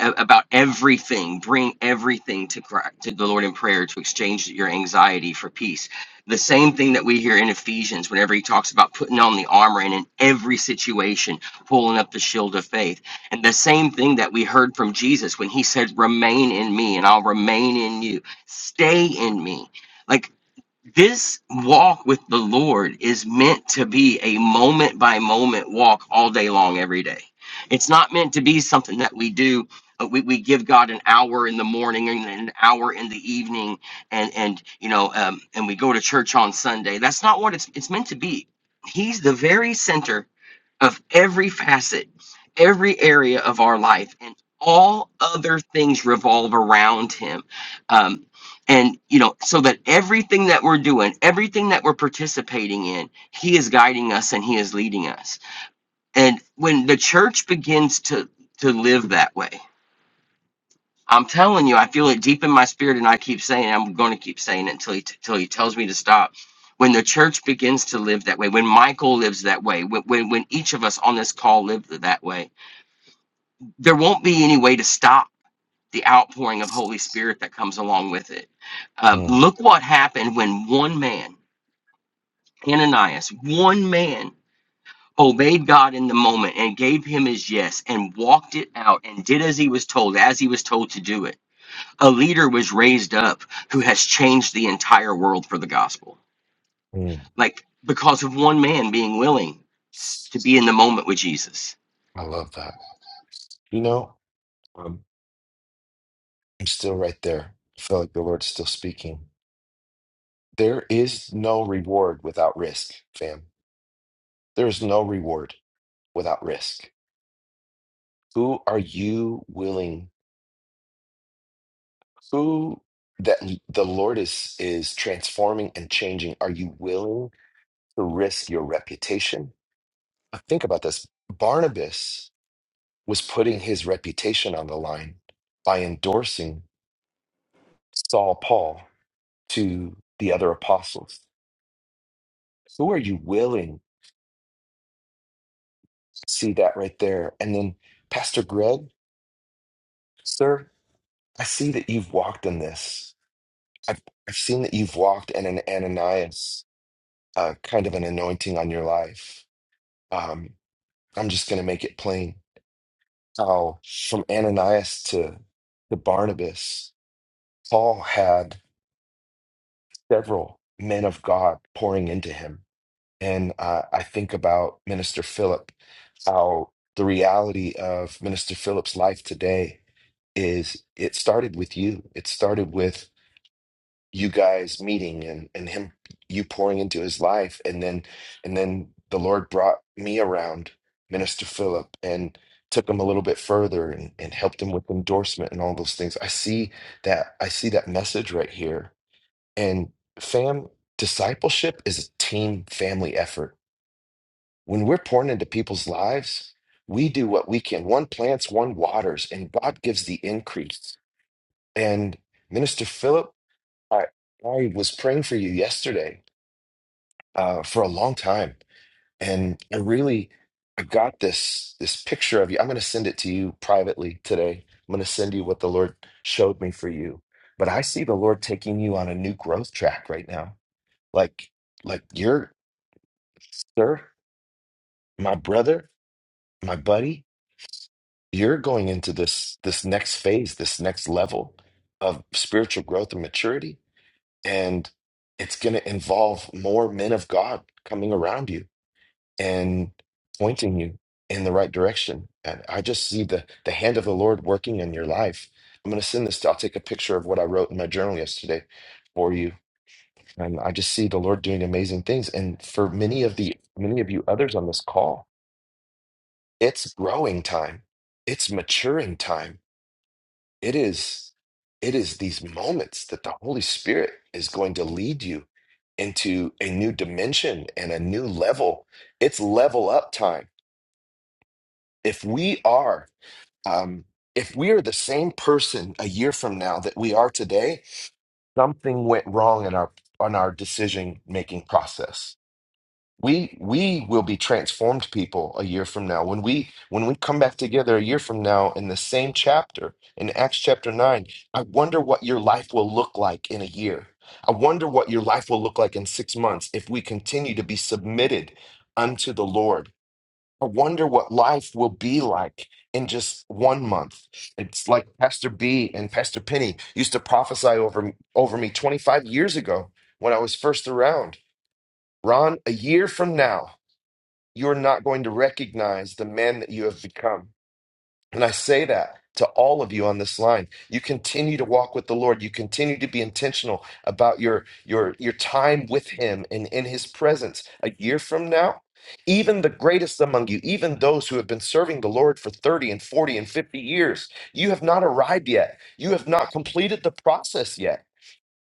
Speaker 5: a- about everything, bring everything to Christ, to the Lord in prayer to exchange your anxiety for peace. The same thing that we hear in Ephesians, whenever he talks about putting on the armor and in every situation, pulling up the shield of faith. And the same thing that we heard from Jesus when he said, remain in me and I'll remain in you. Stay in me. Like this walk with the Lord is meant to be a moment by moment walk all day long, every day. It's not meant to be something that we do. uh, We, we give God an hour in the morning and an hour in the evening, and and you know, um, and we go to church on Sunday. That's not what it's it's meant to be. He's the very center of every facet, every area of our life, and all other things revolve around Him. Um, and you know so that everything that we're doing everything that we're participating in he is guiding us and he is leading us and when the church begins to to live that way i'm telling you i feel it deep in my spirit and i keep saying it, i'm going to keep saying it until he until he tells me to stop when the church begins to live that way when michael lives that way when, when when each of us on this call live that way there won't be any way to stop the outpouring of holy spirit that comes along with it um,
Speaker 1: Mm,
Speaker 5: look what happened when one man Ananias, one man, obeyed God in the moment and gave him his yes and walked it out and did as he was told, as he was told to do it. A leader was raised up who has changed the entire world for the gospel.
Speaker 1: mm,
Speaker 5: Like because of one man being willing to be in the moment with Jesus.
Speaker 1: I love that. You know, um, I'm still right there. I feel like the Lord's still speaking. There is no reward without risk, fam. There is no reward without risk. Who are you willing who that the Lord is is transforming and changing. Are you willing to risk your reputation? Uh, Think about this. Barnabas was putting his reputation on the line by endorsing Saul Paul to the other apostles. Who are you willing to see that right there? And then Pastor Greg, sir, I see that you've walked in this. I've, I've seen that you've walked in an Ananias uh, kind of an anointing on your life. Um. I'm just going to make it plain how from Ananias to, to Barnabas, Paul had several men of God pouring into him. And uh, I think about Minister Philip, how the reality of Minister Philip's life today is it started with you. It started with you guys meeting and and him you pouring into his life and then and then the Lord brought me around Minister Philip and took him a little bit further and, and helped him with endorsement and all those things. I see that I see that message right here. And fam, discipleship is a team family effort. When we're pouring into people's lives, we do what we can. One plants, one waters, and God gives the increase. And Minister Philip I I was praying for you yesterday uh, for a long time, and I really I got this this picture of you. I'm going to send it to you privately today. I'm going to send you what the Lord showed me for you. But I see the Lord taking you on a new growth track right now. Like like you're, sir, my brother, my buddy. You're going into this this next phase, this next level of spiritual growth and maturity and it's going to involve more men of God coming around you and pointing you in the right direction. And I just see the the hand of the Lord working in your life. I'm going to send this. To, I'll take a picture of what I wrote in my journal yesterday for you. And I just see the Lord doing amazing things. And for many of the many of you others on this call, it's growing time. It's maturing time it is it is these moments that the Holy Spirit is going to lead you into a new dimension and a new level. It's level up time. If we are um if we are the same person a year from now that we are today, something went wrong in our on our decision making process we we will be transformed people a year from now when we when we come back together a year from now in the same chapter in Acts chapter 9 I wonder what your life will look like in a year I wonder what your life will look like in 6 months if we continue to be submitted unto the Lord I wonder what life will be like in just one month it's like Pastor B and Pastor Penny used to prophesy over over me 25 years ago when I was first around Ron a year from now you're not going to recognize the man that you have become. And I say that to all of you on this line. You continue to walk with the Lord. You continue to be intentional about your your your time with him and in his presence. A year from now, even the greatest among you, even those who have been serving the Lord for 30 and 40 and 50 years, you have not arrived yet. You have not completed the process yet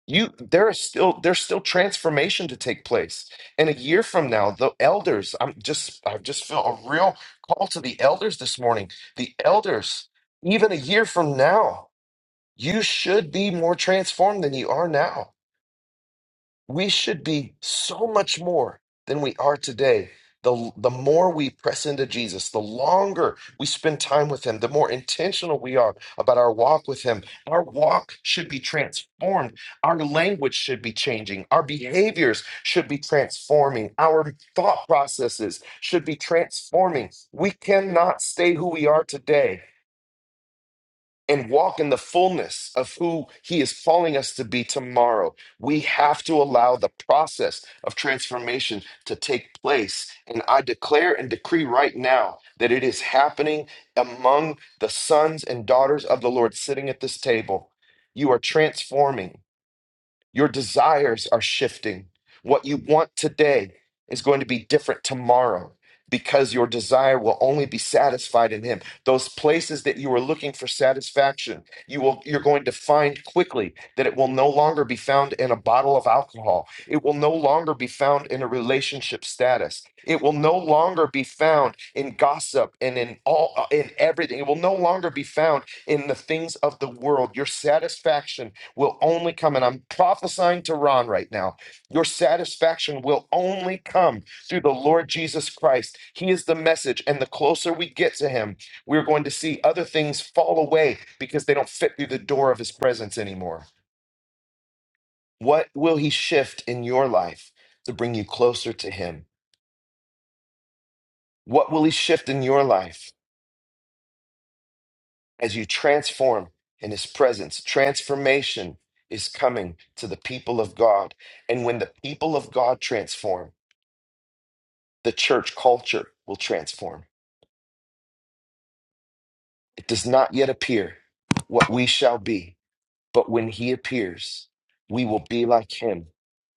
Speaker 1: you there is still there's still transformation to take place and a year from now the elders i'm just i just feel a real call to the elders this morning the elders even a year from now you should be more transformed than you are now we should be so much more than we are today. The, the more we press into Jesus, the longer we spend time with Him, the more intentional we are about our walk with Him. Our walk should be transformed. Our language should be changing. Our behaviors should be transforming. Our thought processes should be transforming. We cannot stay who we are today and walk in the fullness of who He is calling us to be tomorrow. We have to allow the process of transformation to take place. And I declare and decree right now that it is happening among the sons and daughters of the Lord sitting at this table. You are transforming. Your desires are shifting. What you want today is going to be different tomorrow because your desire will only be satisfied in him. Those places that you were looking for satisfaction, you will you're going to find quickly that it will no longer be found in a bottle of alcohol. It will no longer be found in a relationship status. It will no longer be found in gossip and in all uh, in everything. It will no longer be found in the things of the world. Your satisfaction will only come, and I'm prophesying to Ron right now. Your satisfaction will only come through the Lord Jesus Christ. He is the message, and the closer we get to Him, we're going to see other things fall away because they don't fit through the door of His presence anymore. What will He shift in your life to bring you closer to Him? What will He shift in your life as you transform in His presence? Transformation is coming to the people of God. And when the people of God transform, the church culture will transform. It does not yet appear what we shall be, but when he appears, we will be like him,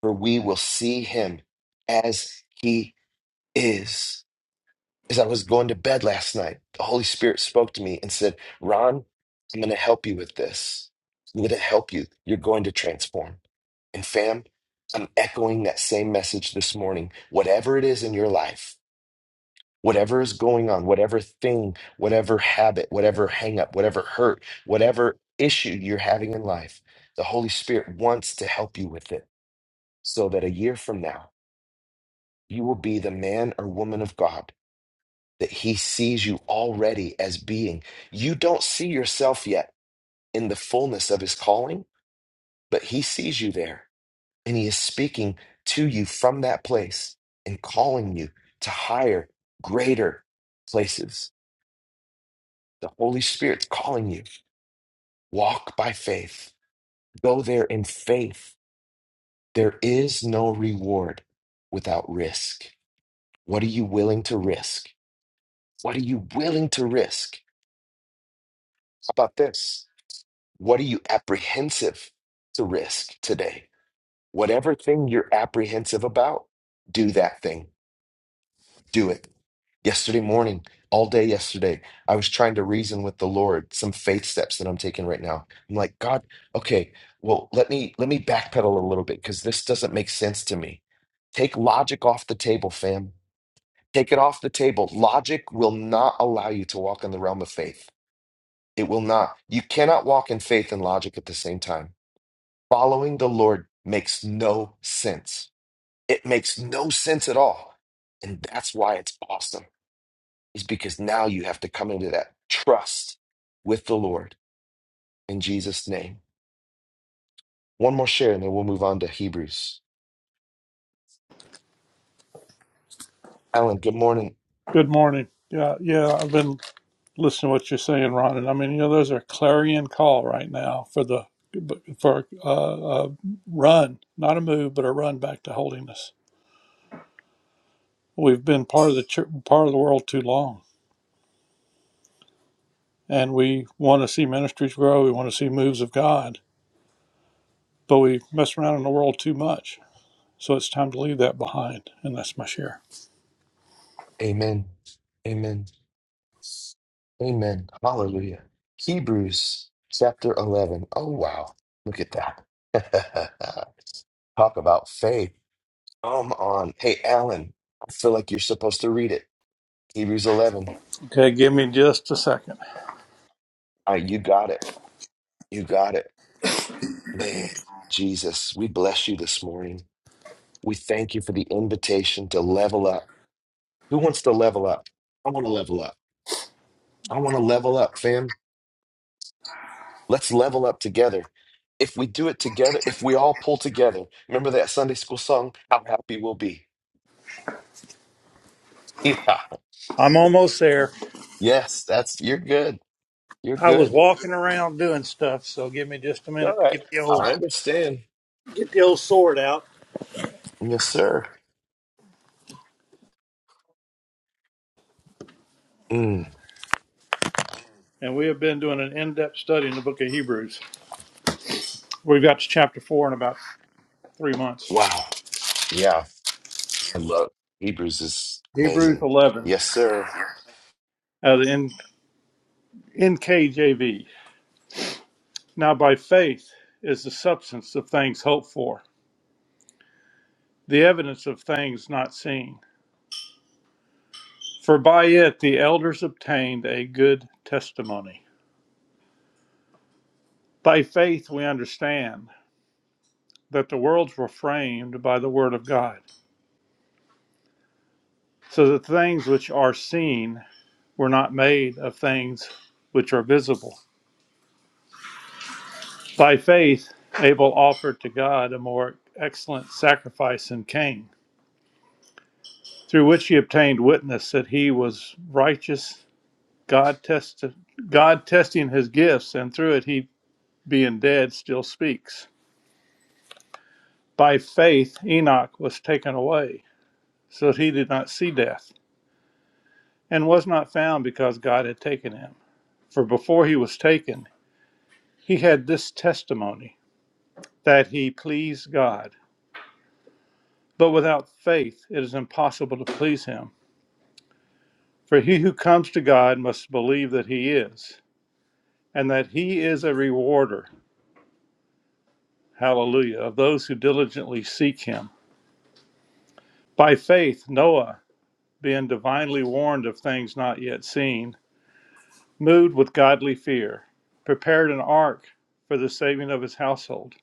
Speaker 1: for we will see him as he is. As I was going to bed last night, the Holy Spirit spoke to me and said, Ron, I'm going to help you with this. I'm going to help you. You're going to transform. And fam, I'm echoing that same message this morning. Whatever it is in your life, Whatever is going on, whatever thing, whatever habit, whatever hang up, whatever hurt, whatever issue you're having in life, the Holy Spirit wants to help you with it so that a year from now, you will be the man or woman of God that He sees you already as being. You don't see yourself yet in the fullness of His calling, but He sees you there and He is speaking to you from that place and calling you to higher, greater places. The Holy Spirit's calling you. Walk by faith. Go there in faith. There is no reward without risk. What are you willing to risk? What are you willing to risk? How about this? What are you apprehensive to risk today? Whatever thing you're apprehensive about, do that thing. Do it Yesterday morning, all day yesterday, I was trying to reason with the Lord some faith steps that I'm taking right now. I'm like, God, okay, well, let me let me backpedal a little bit because this doesn't make sense to me. Take logic off the table, fam. Take it off the table. Logic will not allow you to walk in the realm of faith. It will not. You cannot walk in faith and logic at the same time. Following the Lord makes no sense. It makes no sense at all. And that's why it's awesome is because now you have to come into that trust with the Lord in Jesus' name. One more share and then we'll move on to Hebrews. Alan, good morning.
Speaker 6: Good morning. Yeah, yeah, I've been listening to what you're saying, Ron, and I mean, you know, there's a clarion call right now for the for uh, a run, not a move, but a run back to holiness. We've been part of the church, part of the world too long, and we want to see ministries grow. We want to see moves of God, but we mess around in the world too much. So it's time to leave that behind, and that's my share.
Speaker 1: Amen. Amen. Amen. Hallelujah. Hebrews chapter 11. Oh, wow. Look at that. Talk about faith. Come on. Hey, Alan, I feel like you're supposed to read it. Hebrews 11.
Speaker 6: Okay, give me just a second.
Speaker 1: All right, you got it. You got it. Man, Jesus, we bless you this morning. We thank you for the invitation to level up. Who wants to level up? I want to level up. I want to level up, fam. Let's level up together. If we do it together, if we all pull together, remember that Sunday school song, How Happy We'll Be. Yeah.
Speaker 6: I'm almost there.
Speaker 1: Yes, that's, you're good. You're
Speaker 6: I was
Speaker 1: good.
Speaker 6: walking around doing stuff, so give me just a
Speaker 1: All
Speaker 6: minute to
Speaker 1: right.
Speaker 6: get the old
Speaker 1: I understand.
Speaker 6: Get the old sword out.
Speaker 1: Yes, sir. Mm,
Speaker 6: and we have been doing an in-depth study in the book of Hebrews. We've got to chapter four in about three months.
Speaker 1: wow. Yeah. I love Hebrews is
Speaker 6: Hebrews
Speaker 1: amazing.
Speaker 6: 11,
Speaker 1: Yes, sir.
Speaker 6: uh, the NKJV. Now, by faith is the substance of things hoped for, the evidence of things not seen. For by it the elders obtained a good testimony. By faith we understand that the worlds were framed by the word of God, so that things which are seen were not made of things which are visible. By faith, Abel offered to God a more excellent sacrifice than Cain, through which he obtained witness that he was righteous, God, tested, God testing his gifts, and through it he, being dead, still speaks. By faith, Enoch was taken away, so that he did not see death, and was not found because God had taken him. For before he was taken, he had this testimony that he pleased God. But without faith, it is impossible to please him. For he who comes to God must believe that he is, and that he is a rewarder, hallelujah, of those who diligently seek him. By faith, Noah, being divinely warned of things not yet seen, moved with godly fear, prepared an ark for the saving of his household,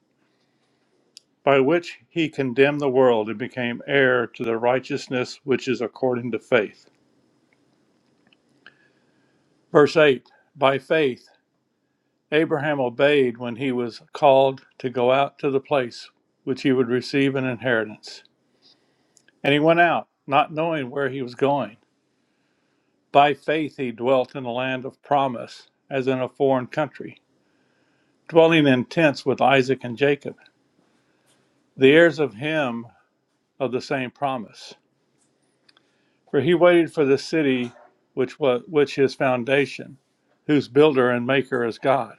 Speaker 6: by which he condemned the world and became heir to the righteousness which is according to faith. Verse 8 By faith, Abraham obeyed when he was called to go out to the place which he would receive an inheritance. And he went out, not knowing where he was going. By faith, he dwelt in the land of promise, as in a foreign country, dwelling in tents with Isaac and Jacob, the heirs of him of the same promise. For he waited for the city which was which his foundation, whose builder and maker is God.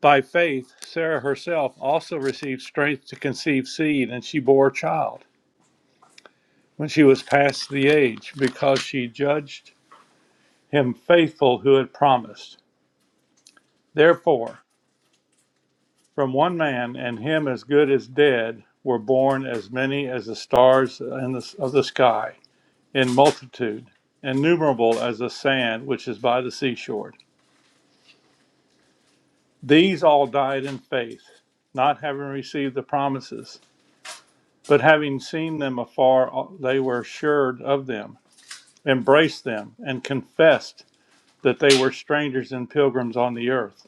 Speaker 6: By faith, Sarah herself also received strength to conceive seed, and she bore a child when she was past the age, because she judged him faithful who had promised. Therefore, from one man, and him as good as dead, were born as many as the stars in the, of the sky, in multitude, innumerable as the sand which is by the seashore. These all died in faith, not having received the promises, but having seen them afar, they were assured of them, embraced them, and confessed. that they were strangers and pilgrims on the earth.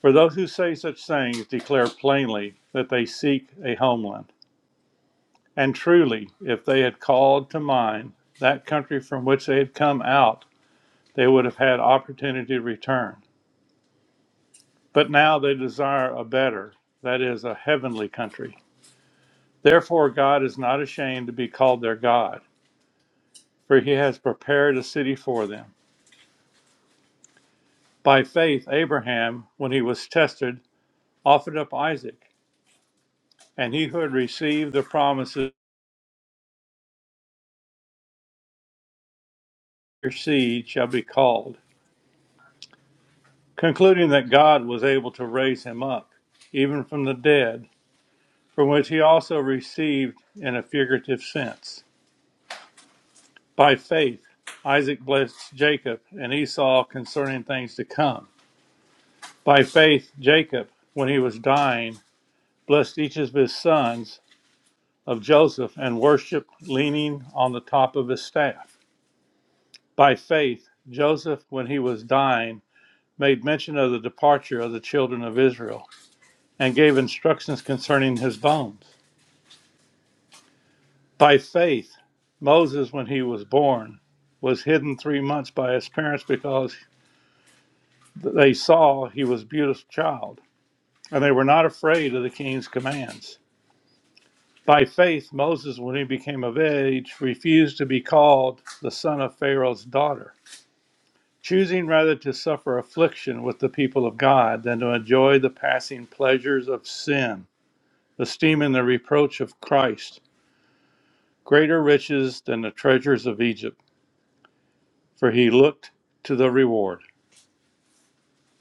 Speaker 6: For those who say such things declare plainly that they seek a homeland. And truly, if they had called to mind that country from which they had come out, they would have had opportunity to return. But now they desire a better, that is, a heavenly country. Therefore, God is not ashamed to be called their God, for he has prepared a city for them. By faith, Abraham, when he was tested, offered up Isaac. and he who had received the promises of your seed shall be called, concluding that God was able to raise him up, even from the dead, from which he also received in a figurative sense. By faith, Isaac blessed Jacob and Esau concerning things to come. By faith, Jacob, when he was dying, blessed each of his sons of Joseph and worshiped leaning on the top of his staff. By faith, Joseph, when he was dying, made mention of the departure of the children of Israel and gave instructions concerning his bones. By faith, Moses, when he was born, was hidden three months by his parents because they saw he was a beautiful child, and they were not afraid of the king's commands. By faith, Moses, when he became of age, refused to be called the son of Pharaoh's daughter, choosing rather to suffer affliction with the people of God than to enjoy the passing pleasures of sin esteem in the reproach of Christ greater riches than the treasures of Egypt, for he looked to the reward.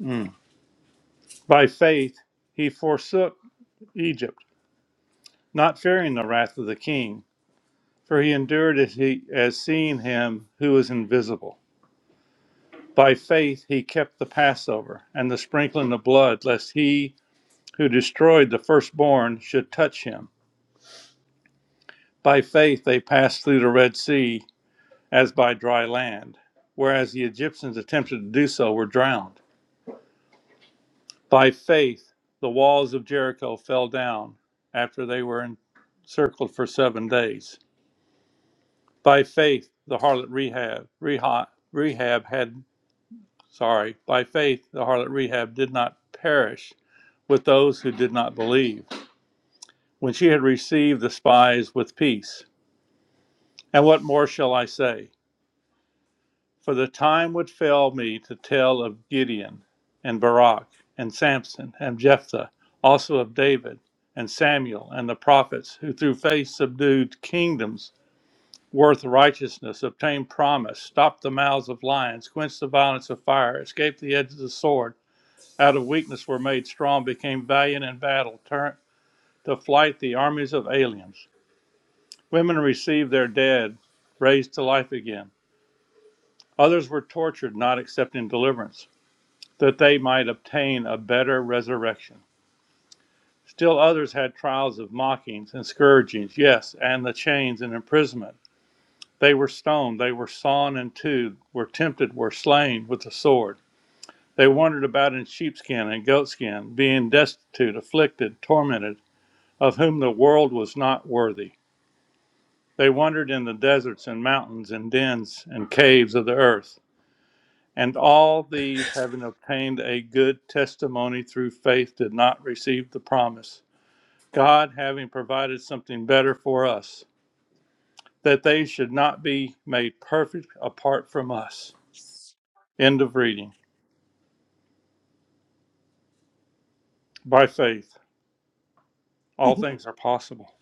Speaker 6: Mm. By faith he forsook Egypt, not fearing the wrath of the king, for he endured as, he, as seeing him who is invisible. By faith he kept the Passover and the sprinkling of blood, lest he who destroyed the firstborn should touch him. By faith they passed through the Red Sea as by dry land, whereas the Egyptians attempted to do so were drowned. By faith, the walls of Jericho fell down after they were encircled for seven days. By faith, the harlot Rehab, Rehab, Rehab had, sorry, by faith, the harlot Rehab did not perish with those who did not believe when she had received the spies with peace. And what more shall I say? For the time would fail me to tell of Gideon and Barak and Samson and Jephthah, also of David and Samuel and the prophets, who through faith subdued kingdoms, worth righteousness, obtained promise, stopped the mouths of lions, quenched the violence of fire, escaped the edge of the sword, out of weakness were made strong, became valiant in battle, turned to flight the armies of aliens. Women received their dead, raised to life again. Others were tortured, not accepting deliverance. that they might obtain a better resurrection. Still others had trials of mockings and scourgings, yes, and the chains and imprisonment. They were stoned, they were sawn in two, were tempted, were slain with the sword. They wandered about in sheepskin and goatskin, being destitute, afflicted, tormented, of whom the world was not worthy. They wandered in the deserts and mountains and dens and caves of the earth. And all these, having obtained a good testimony through faith, did not receive the promise. God, having provided something better for us, that they should not be made perfect apart from us. End of reading. By faith, all things are possible.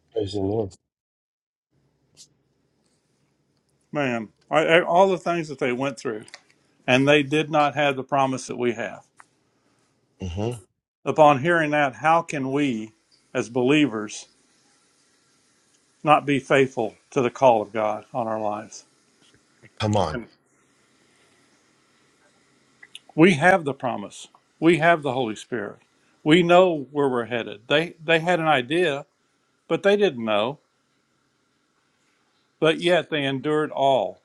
Speaker 1: Praise the Lord.
Speaker 6: Man, I, I- all the things that they went through, and they did not have the promise that we have.
Speaker 1: hmm
Speaker 6: Upon hearing that, how can we, as believers, not be faithful to the call of God on our lives?
Speaker 1: Come on.
Speaker 6: And We have the promise. We have the Holy Spirit. We know where we're headed. They they had an idea, but they didn't know. But yet they endured all.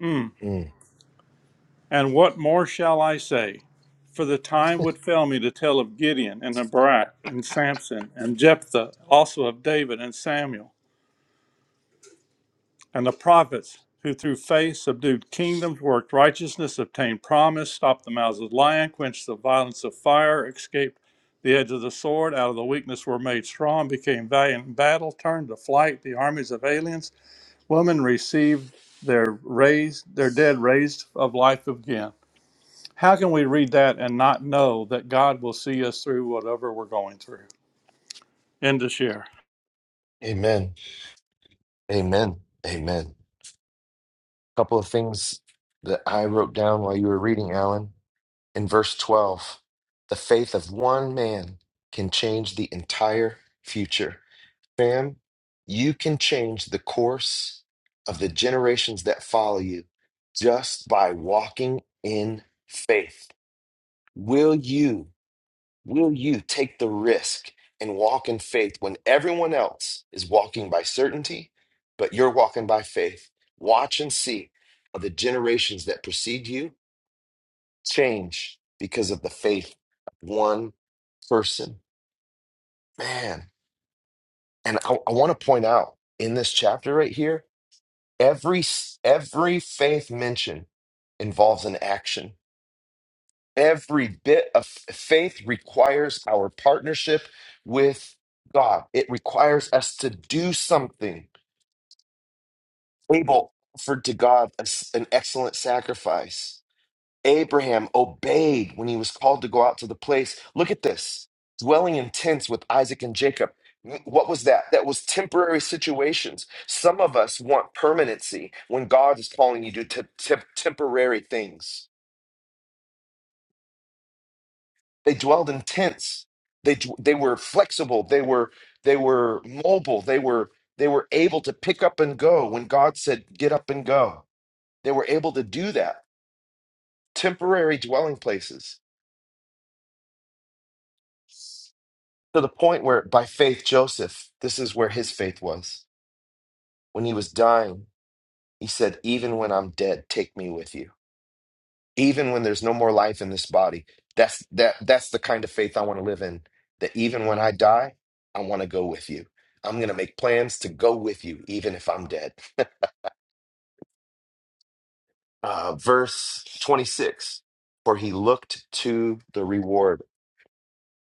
Speaker 6: Mm.
Speaker 1: Mm,
Speaker 6: And what more shall I say? For the time would fail me to tell of Gideon and of Barak and Samson and Jephthah, also of David and Samuel and the prophets who through faith subdued kingdoms, worked righteousness, obtained promise, stopped the mouths of lions, quenched the violence of fire, escaped the edge of the sword, out of the weakness were made strong, became valiant in battle, turned to flight the armies of aliens. Women received their raised their dead raised of life again. How can we read that and not know that God will see us through whatever we're going through? End of share.
Speaker 1: Amen. Amen. Amen. couple of things that I wrote down while you were reading, Alan. In verse 12, the faith of one man can change the entire future. Fam, you can change the course of the generations that follow you just by walking in faith. Will you? Will you take the risk and walk in faith when everyone else is walking by certainty, but you're walking by faith? Watch and see how the generations that precede you change because of the faith of one person. Man, and I, I want to point out in this chapter right here, every every faith mentioned involves an action Every bit of faith requires our partnership with God. It requires us to do something. Abel offered to God a s- an excellent sacrifice. Abraham obeyed when he was called to go out to the place. Look at this dwelling in tents with Isaac and Jacob. What was that? That was temporary situations. Some of us want permanency when God is calling you to t- temporary things. They dwelled in tents. They d- they were flexible. They were they were mobile. They were they were able to pick up and go when God said get up and go. They were able to do that. Temporary dwelling places to the point where by faith Joseph, this is where his faith was. When he was dying, he said, "Even when I'm dead, take me with you." even when there's no more life in this body that's that that's the kind of faith i want to live in that even when i die i want to go with you i'm going to make plans to go with you even if i'm dead uh, verse 26 for he looked to the reward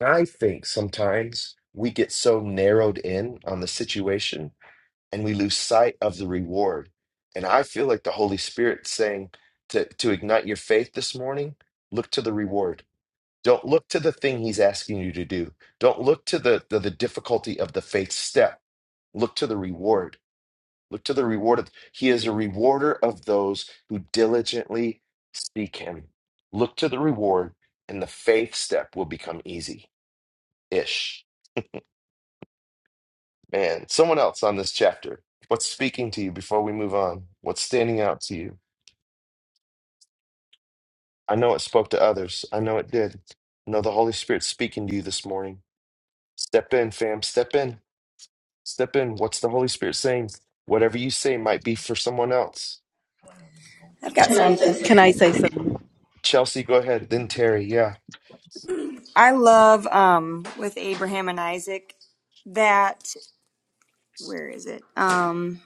Speaker 1: i think sometimes we get so narrowed in on the situation and we lose sight of the reward and i feel like the holy spirit saying to to ignite your faith this morning look to the reward Don't look to the thing he's asking you to do. Don't look to the, the, the difficulty of the faith step. Look to the reward. Look to the reward of he is a rewarder of those who diligently seek him. Look to the reward, and the faith step will become easy. Ish. Man, someone else on this chapter. What's speaking to you before we move on? What's standing out to you? I know it spoke to others. I know it did. I know the Holy Spirit's speaking to you this morning. Step in, fam. Step in. Step in. What's the Holy Spirit saying? Whatever you say might be for someone else.
Speaker 7: I've got
Speaker 8: Can
Speaker 7: something.
Speaker 8: I say something?
Speaker 1: Chelsea, go ahead. Then Terry. Yeah.
Speaker 7: I love um with Abraham and Isaac that where is it? Um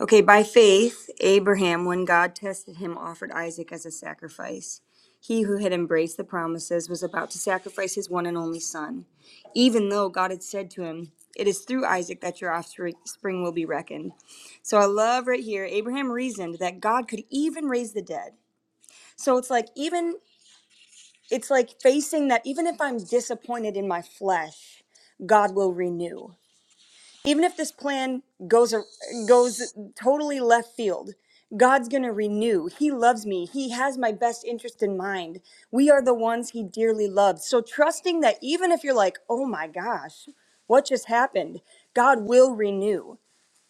Speaker 7: okay, by faith Abraham when God tested him offered Isaac as a sacrifice. He who had embraced the promises was about to sacrifice his one and only son, even though God had said to him, "It is through Isaac that your offspring will be reckoned." So I love right here Abraham reasoned that God could even raise the dead. So it's like even it's like facing that even if I'm disappointed in my flesh, God will renew. Even if this plan goes goes totally left field, God's going to renew. He loves me. He has my best interest in mind. We are the ones he dearly loves. So trusting that even if you're like, "Oh my gosh, what just happened?" God will renew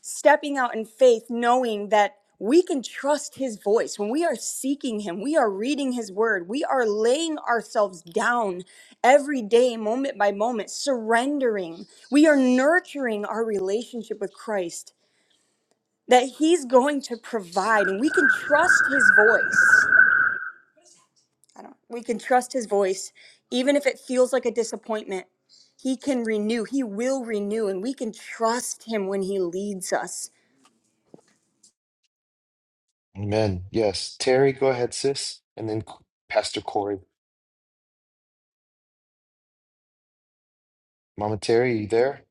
Speaker 7: stepping out in faith, knowing that we can trust his voice. When we are seeking him, we are reading his word, we are laying ourselves down every day, moment by moment, surrendering. We are nurturing our relationship with Christ that he's going to provide, and we can trust his voice. I don't, we can trust his voice, even if it feels like a disappointment. He can renew, he will renew, and we can trust him when he leads us.
Speaker 1: Amen. Yes. Terry, go ahead, sis. And then C- Pastor Corey. Mama Terry, you there?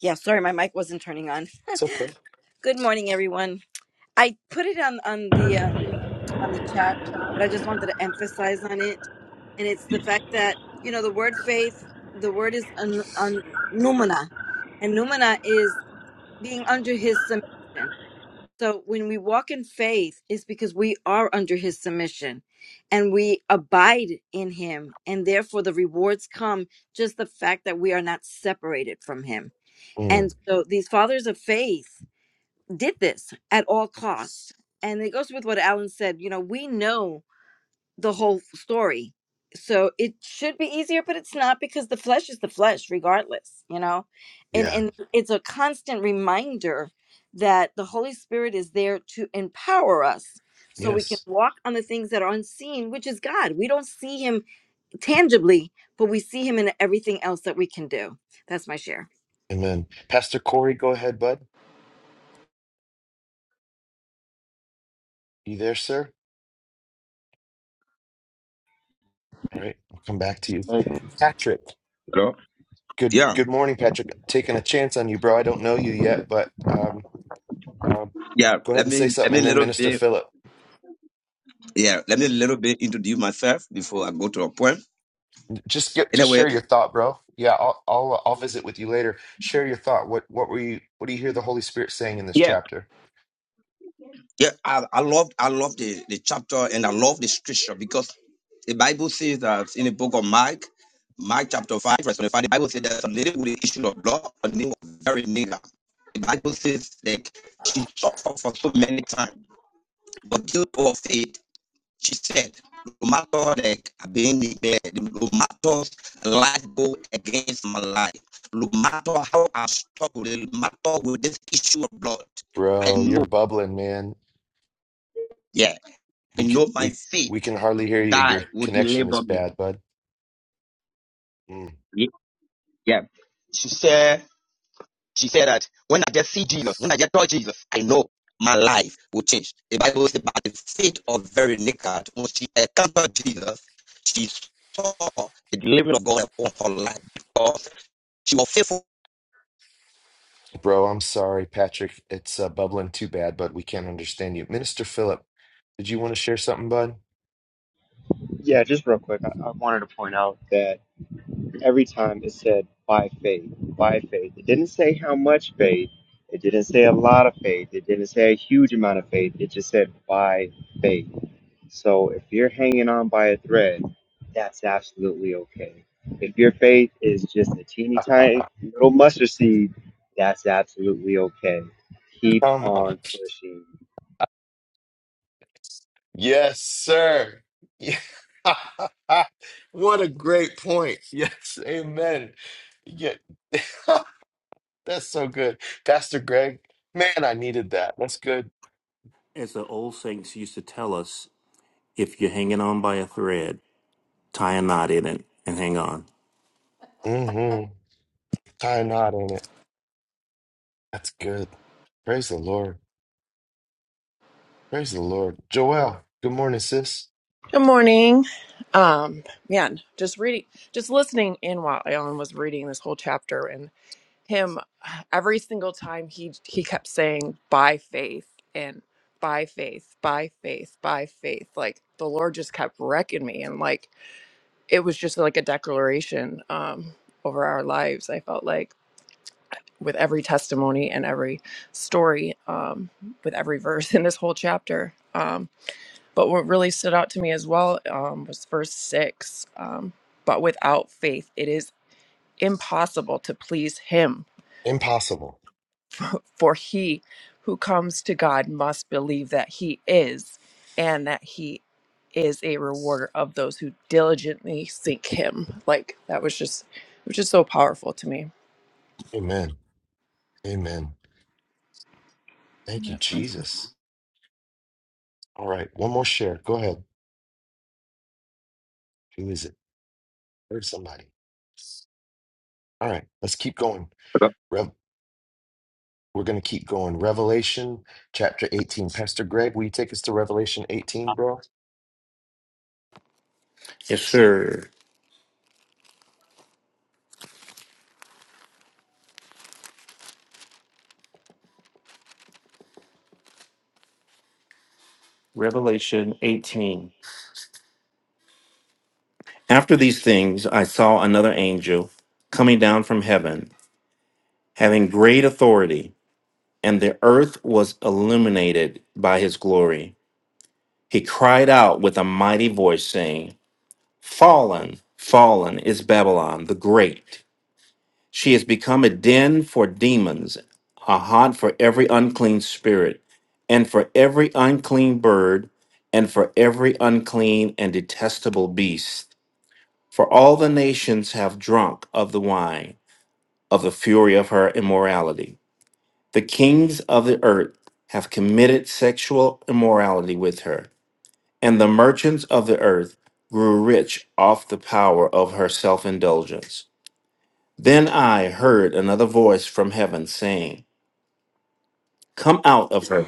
Speaker 8: Yeah, sorry, my mic wasn't turning on.
Speaker 1: It's okay.
Speaker 8: Good morning, everyone. I put it on on the um, on the chat, but I just wanted to emphasize on it, and it's the fact that you know the word faith, the word is un, un, numina, and numina is being under His submission. So when we walk in faith, it's because we are under His submission, and we abide in Him, and therefore the rewards come. Just the fact that we are not separated from Him.
Speaker 1: Mm,
Speaker 8: And so these fathers of faith did this at all cost. And it goes with what Alan said, you know, we know the whole story. So it should be easier, but it's not because the flesh is the flesh regardless, you know. And
Speaker 1: yeah.
Speaker 8: and it's a constant reminder that the Holy Spirit is there to empower us so we can
Speaker 1: Yes.
Speaker 8: walk on the things that are unseen, which is God. We don't see him tangibly, but we see him in everything else that we can do. That's my share.
Speaker 1: Amen. Pastor Corey, go ahead, bud. You there, sir? All right. I'll come back to you.
Speaker 9: Uh,
Speaker 1: Patrick.
Speaker 10: Hello?
Speaker 1: Good
Speaker 10: Yeah,
Speaker 1: good morning, Patrick. Taking a chance on you, bro. I don't know you yet, but um, um
Speaker 10: yeah.
Speaker 1: go ahead
Speaker 10: Let
Speaker 1: and
Speaker 10: me
Speaker 1: say
Speaker 10: let
Speaker 1: something
Speaker 10: me
Speaker 1: and
Speaker 10: a
Speaker 1: then
Speaker 10: little
Speaker 1: Minister
Speaker 10: bit.
Speaker 1: Philip.
Speaker 10: Yeah, let me a little bit introduce myself before I go to a point.
Speaker 1: Just get, just
Speaker 10: Anyway,
Speaker 1: share your thought, bro. Yeah, I'll I'll uh, I'll visit with you later. Share your thought. What what were you what do you hear the Holy Spirit saying in this
Speaker 10: yeah,
Speaker 1: chapter?
Speaker 10: yeah. I, I love I love the the chapter and I love the scripture because the Bible says that in the book of Mark, Mark chapter five verse twenty five, the Bible says that a lady with the issue of blood, her name was very nigger. The Bible says that she suffered for so many times, but guilt of it. She said, no matter that I've are being declared, no matter life go against my life, no matter how I struggle, no matter with this issue of blood, I
Speaker 1: Bro, you're
Speaker 10: know,
Speaker 1: bubbling, man.
Speaker 10: yeah, I
Speaker 1: We can
Speaker 10: know my
Speaker 1: we
Speaker 10: faith,
Speaker 1: we can hardly hear you.
Speaker 10: God
Speaker 1: Your
Speaker 10: will
Speaker 1: connection is
Speaker 10: deliver me.
Speaker 1: bad, bud. Mm.
Speaker 10: Ye- Yeah. She said, she said that when I just see Jesus, when I just touch Jesus, I know my life will change. The Bible says by the faith of Veronica, when she encountered Jesus, she saw the deliverance of God upon her life because." She was faithful.
Speaker 1: Bro, I'm sorry, Patrick. It's uh, bubbling too bad, but we can't understand you. Minister Philip, did you want to share something, bud?
Speaker 9: yeah, just real quick, I, I wanted to point out that every time it said by faith, by faith, it didn't say how much faith, it didn't say a lot of faith, it didn't say a huge amount of faith, it just said by faith. So if you're hanging on by a thread, that's absolutely okay. If your faith is just a teeny tiny little mustard seed, that's absolutely okay. Keep
Speaker 1: Come on.
Speaker 9: on pushing
Speaker 1: Yes, sir. Yeah. what a great point. Yes, amen. Yeah. That's so good. Pastor Greg, man, I needed that. That's good.
Speaker 11: As the old saints used to tell us, if you're hanging on by a thread, tie a knot in it and hang on.
Speaker 1: Mm-hmm. Tie a knot in it. That's good. Praise the Lord. Praise the Lord. Joelle. good morning, sis.
Speaker 12: Good morning. Um, man, just reading, just listening in while Alan was reading this whole chapter, and him every single time he he kept saying by faith and by faith, by faith, by faith. Like the Lord just kept wrecking me, and like it was just like a declaration um, over our lives. I felt like with every testimony and every story, um, with every verse in this whole chapter. Um, but what really stood out to me as well um, was verse six. Um, but without faith, it is impossible to please him.
Speaker 1: Impossible.
Speaker 12: For he who comes to God must believe that he is, and that he is a rewarder of those who diligently seek him. Like that was just, it was just so powerful to me.
Speaker 1: Amen. Amen. Thank you, Jesus. All right. One more share. Go ahead. Who is it? Heard somebody. All right. Let's keep going. Rev- We're going to keep going. Revelation chapter 18. Pastor Greg, will you take us to Revelation 18, bro?
Speaker 11: Yes, sir. Revelation 18. After these things, I saw another angel coming down from heaven, having great authority, and the earth was illuminated by his glory. He cried out with a mighty voice, saying, Fallen, fallen is Babylon the Great She has become a den for demons, a haunt for every unclean spirit, and for every unclean bird, and for every unclean and detestable beast. For all the nations have drunk of the wine of the fury of her immorality. The kings of the earth have committed sexual immorality with her, and the merchants of the earth grew rich off the power of her self indulgence. Then I heard another voice from heaven saying, Come out of her,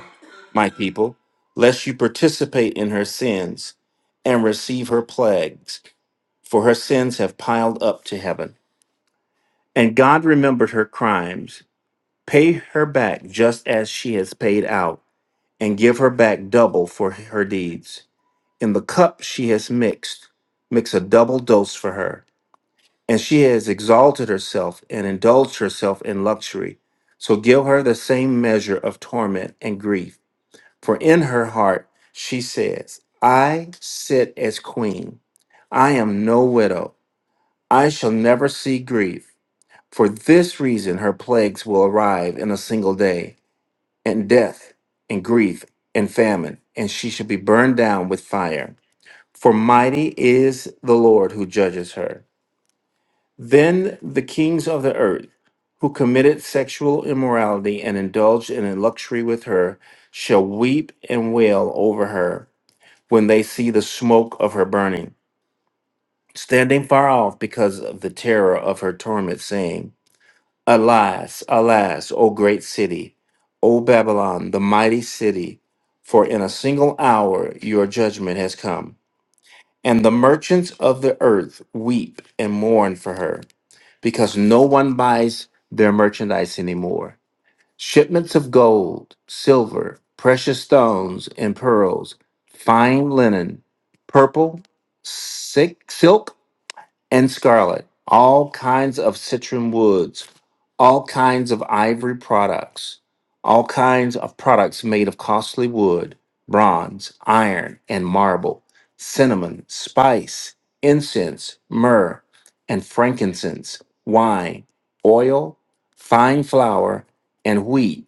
Speaker 11: my people, lest you participate in her sins and receive her plagues, for her sins have piled up to heaven. And God remembered her crimes. Pay her back just as she has paid out, and give her back double for her deeds. In the cup she has mixed, mix a double dose for her and she has exalted herself and indulged herself in luxury. So give her the same measure of torment and grief. For in her heart she says, I sit as queen. I am no widow. I shall never see grief. For this reason, her plagues will arrive in a single day, and death, and grief, and famine, and she shall be burned down with fire. For mighty is the Lord who judges her then the kings of the earth, who committed sexual immorality and indulged in luxury with her, shall weep and wail over her when they see the smoke of her burning, standing far off because of the terror of her torment, saying, Alas, alas, O great city, O Babylon, the mighty city, for in a single hour your judgment has come. And the merchants of the earth weep and mourn for her because no one buys their merchandise anymore. Shipments of gold, silver, precious stones, and pearls, fine linen, purple, si-, silk, and scarlet, all kinds of citron woods, all kinds of ivory products, all kinds of products made of costly wood, bronze, iron, and marble, cinnamon, spice, incense, myrrh, and frankincense, wine, oil, fine flour, and wheat,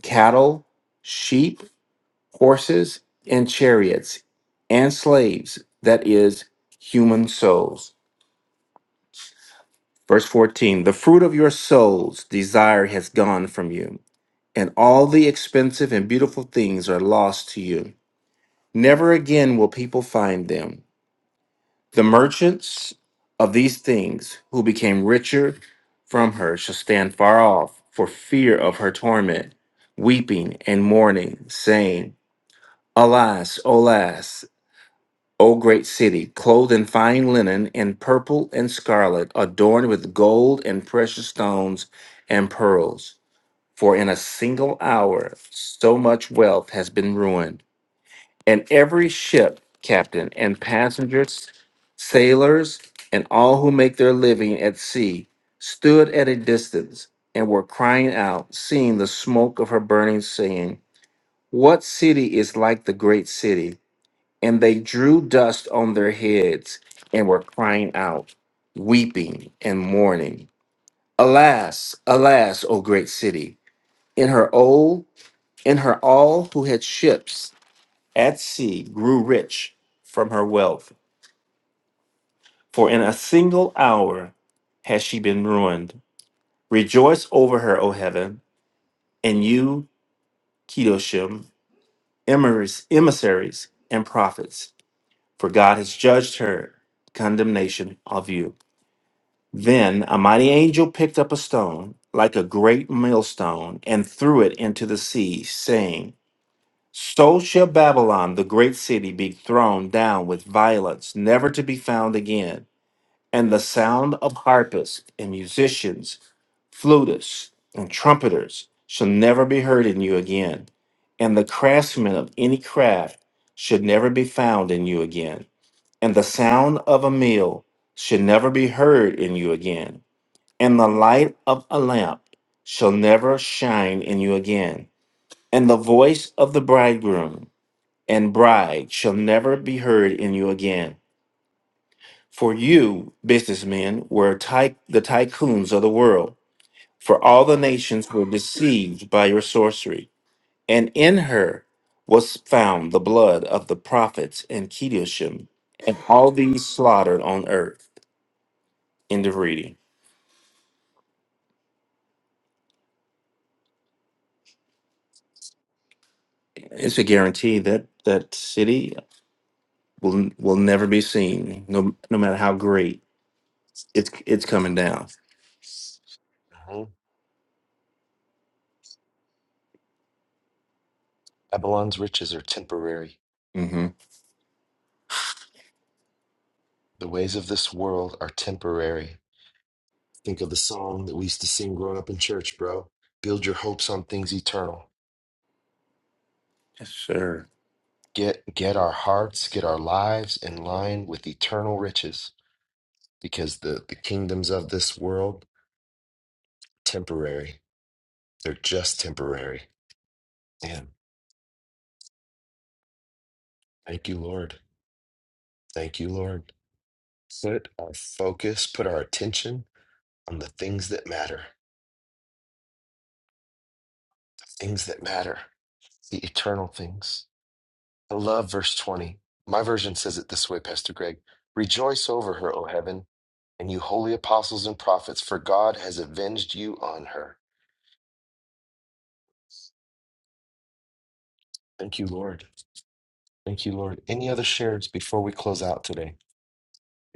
Speaker 11: cattle, sheep, horses, and chariots, and slaves, that is, human souls. Verse 14 The fruit of your soul's desire has gone from you, and all the expensive and beautiful things are lost to you. Never again will people find them. The merchants of these things who became richer from her shall stand far off for fear of her torment, weeping and mourning, saying, Alas, alas, O great city, clothed in fine linen, in purple and scarlet, adorned with gold and precious stones and pearls. For in a single hour, so much wealth has been ruined. And every ship, captain, and passengers, sailors, and all who make their living at sea stood at a distance and were crying out, seeing the smoke of her burning, saying, What city is like the great city? And they drew dust on their heads and were crying out, weeping and mourning. Alas, alas, O great city! In her all, in her all who had ships at sea grew rich from her wealth. For in a single hour has she been ruined. Rejoice over her, O heaven, and you, Kedoshim, emissaries emissaries and prophets, for God has judged her condemnation of you. Then a mighty angel picked up a stone, like a great millstone, and threw it into the sea, saying, So shall Babylon, the great city, be thrown down with violence, never to be found again. And the sound of harpists and musicians, flutists and trumpeters shall never be heard in you again. And the craftsmen of any craft should never be found in you again. And the sound of a mill should never be heard in you again and the light of a lamp shall never shine in you again. And the voice of the bridegroom and bride shall never be heard in you again. For you, businessmen, were ty- the tycoons of the world, for all the nations were deceived by your sorcery. And in her was found the blood of the prophets and Kedoshim, and all these slaughtered on earth. End of reading. It's a guarantee that that city will will never be seen, no no matter how great. It's it's coming down.
Speaker 1: hmm Babylon's riches are temporary.
Speaker 11: hmm
Speaker 1: The ways of this world are temporary. Think of the song that we used to sing growing up in church, bro. Build your hopes on things eternal.
Speaker 11: Yes, sir.
Speaker 1: Get get our hearts, get our lives in line with eternal riches because the the kingdoms of this world temporary. They're just temporary. And thank you, Lord. Thank you, Lord. Put our focus, put our attention on the things that matter. Things that matter. The eternal things I love verse 20. My version says it this way, Pastor Greg Rejoice over her, O heaven, and you holy apostles and prophets, for God has avenged you on her. Thank you, Lord. Thank you, Lord. Any other shares before we close out today?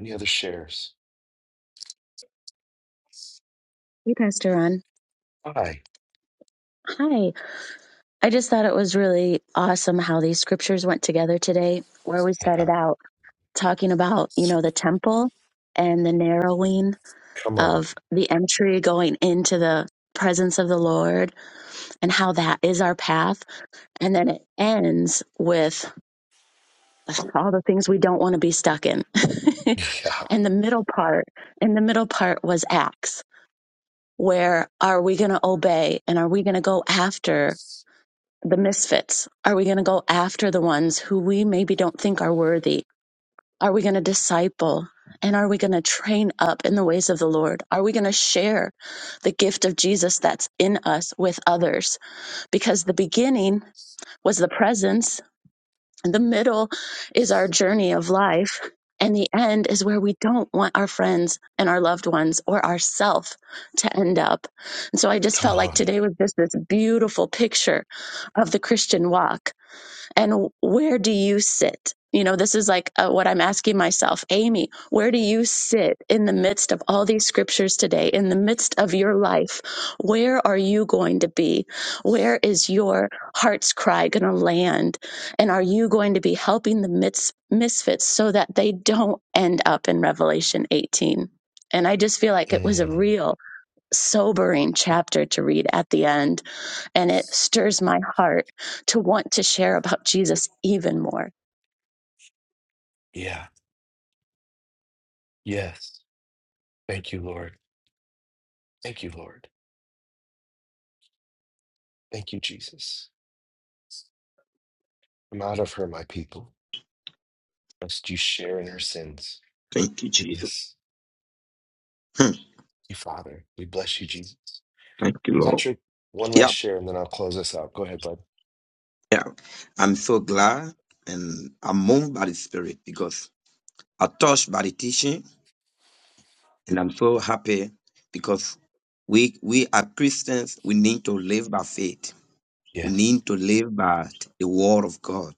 Speaker 1: Any other shares?
Speaker 2: Hey, Pastor Ron.
Speaker 1: Hi.
Speaker 2: Hi. I just thought it was really awesome how these scriptures went together today, where we
Speaker 1: Yeah.
Speaker 2: started out talking about, you know, the temple and the narrowing
Speaker 1: Come on.
Speaker 2: of the entry going into the presence of the Lord and how that is our path. And then it ends with all the things we don't want to be stuck in.
Speaker 1: Yeah.
Speaker 2: and the middle part, and the middle part was Acts. Where are we going to obey and are we going to go after the misfits? Are we going to go after the ones who we maybe don't think are worthy? Are we going to disciple? And are we going to train up in the ways of the Lord? Are we going to share the gift of Jesus that's in us with others? Because the beginning was the presence, and the middle is our journey of life, and the end is where we don't want our friends and our loved ones or ourself to end up. And so I just
Speaker 1: Come
Speaker 2: felt like
Speaker 1: on.
Speaker 2: today was just this beautiful picture of the Christian walk and where do you sit you know this is like uh, what i'm asking myself amy where do you sit in the midst of all these scriptures today in the midst of your life where are you going to be where is your heart's cry going to land and are you going to be helping the mis- misfits so that they don't end up in revelation 18 and i just feel like it was a
Speaker 1: Mm.
Speaker 2: real sobering chapter to read at the end and it stirs my heart to want to share about Jesus even more.
Speaker 1: Yeah. Yes. Thank you, Lord. Thank you, Lord. Thank you, Jesus. Come out of her, my people, lest you share in her sins.
Speaker 10: Thank you, Jesus.
Speaker 1: Goodness.
Speaker 10: Hmm.
Speaker 1: Thank you, Father. We bless you, Jesus.
Speaker 10: Thank you, Lord.
Speaker 1: Patrick, one
Speaker 10: Yeah,
Speaker 1: last share and then I'll close this out. Go ahead, bud.
Speaker 10: yeah. I'm so glad and I'm moved by the Spirit because I'm touched by the teaching and I'm so happy because we we are Christians. We need to live by faith. We
Speaker 1: Yes.
Speaker 10: need to live by the Word of God.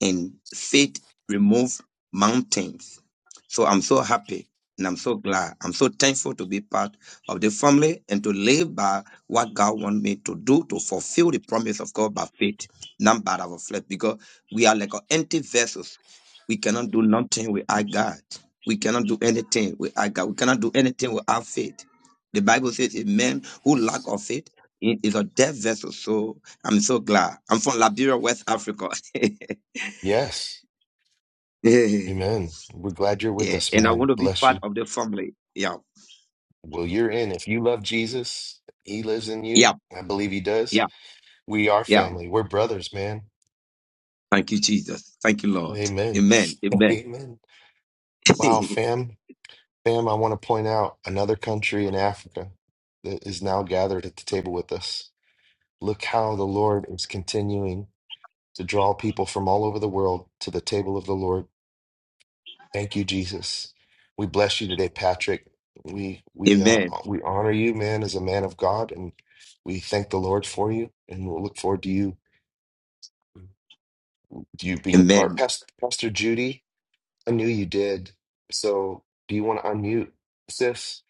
Speaker 10: and faith remove mountains. So I'm so happy and I'm so glad. I'm so thankful to be part of the family and to live by what God wants me to do to fulfill the promise of God by faith, not by our flesh, because we are like an empty vessels. We cannot do nothing without God. We cannot do anything without God. We cannot do anything without faith. The Bible says a man who lack of faith i- is a dead vessel. So I'm so glad. I'm from Liberia, West Africa.
Speaker 1: Yes.
Speaker 10: Yeah, yeah.
Speaker 1: Amen. We're glad you're with
Speaker 10: yeah.
Speaker 1: us,
Speaker 10: And I
Speaker 1: man.
Speaker 10: want to be
Speaker 1: Bless
Speaker 10: part
Speaker 1: you.
Speaker 10: of the family. Yeah,
Speaker 1: Well, you're in. If you love Jesus, he lives in
Speaker 10: yeah,
Speaker 1: you. I believe he does.
Speaker 10: yeah,
Speaker 1: We are
Speaker 10: yeah.
Speaker 1: family. We're brothers, man.
Speaker 10: Thank you, Jesus. Thank you, Lord.
Speaker 1: Amen.
Speaker 10: Amen. Amen.
Speaker 1: Amen. Wow, fam. Fam, I want to point out another country in Africa that is now gathered at the table with us. Look how the Lord is continuing to draw people from all over the world to the table of the Lord Thank you, Jesus. We bless you today, Patrick. We we uh,
Speaker 10: Amen.
Speaker 1: we honor you, man, as a man of God, and we thank the Lord for you, and we'll look forward to you you being a
Speaker 10: Amen.
Speaker 1: part. Pastor, Pastor Judy, I knew you did. So, do you want to unmute, sis?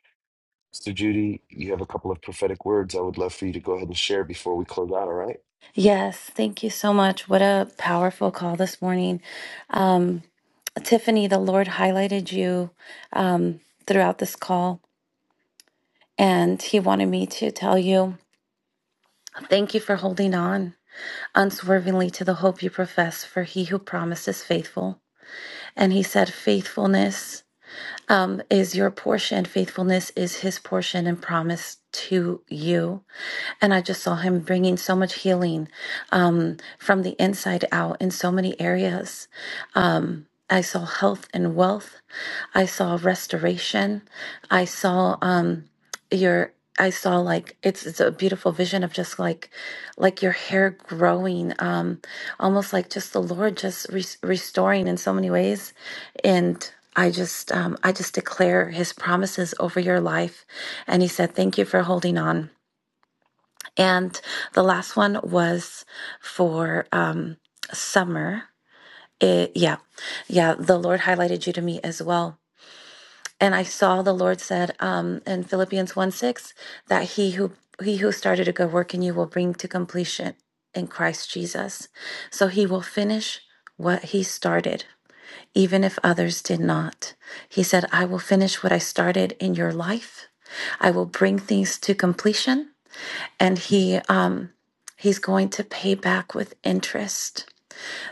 Speaker 1: Sister Judy, you have a couple of prophetic words. I would love for you to go ahead and share before we close out. All right?
Speaker 13: Yes, thank you so much. What a powerful call this morning. Um, Tiffany, the Lord highlighted you um, throughout this call, and He wanted me to tell you thank you for holding on unswervingly to the hope you profess, for He who promised is faithful. And He said, faithfulness um, is your portion. Faithfulness is his portion and promise to you. And I just saw him bringing so much healing um, from the inside out in so many areas. Um, I saw health and wealth. I saw restoration. I saw. Um, your I saw like it's it's a beautiful vision of just like like your hair growing um almost like just the Lord just re- restoring in so many ways and I just um I just declare his promises over your life and he said thank you for holding on and the last one was for um summer it, yeah yeah the Lord highlighted you to me as well and I saw the Lord said um, in Philippians 1 6 that he who he who started a good work in you will bring to completion in Christ Jesus. So he will finish what he started, even if others did not. He said, I will finish what I started in your life. I will bring things to completion. And he um he's going to pay back with interest.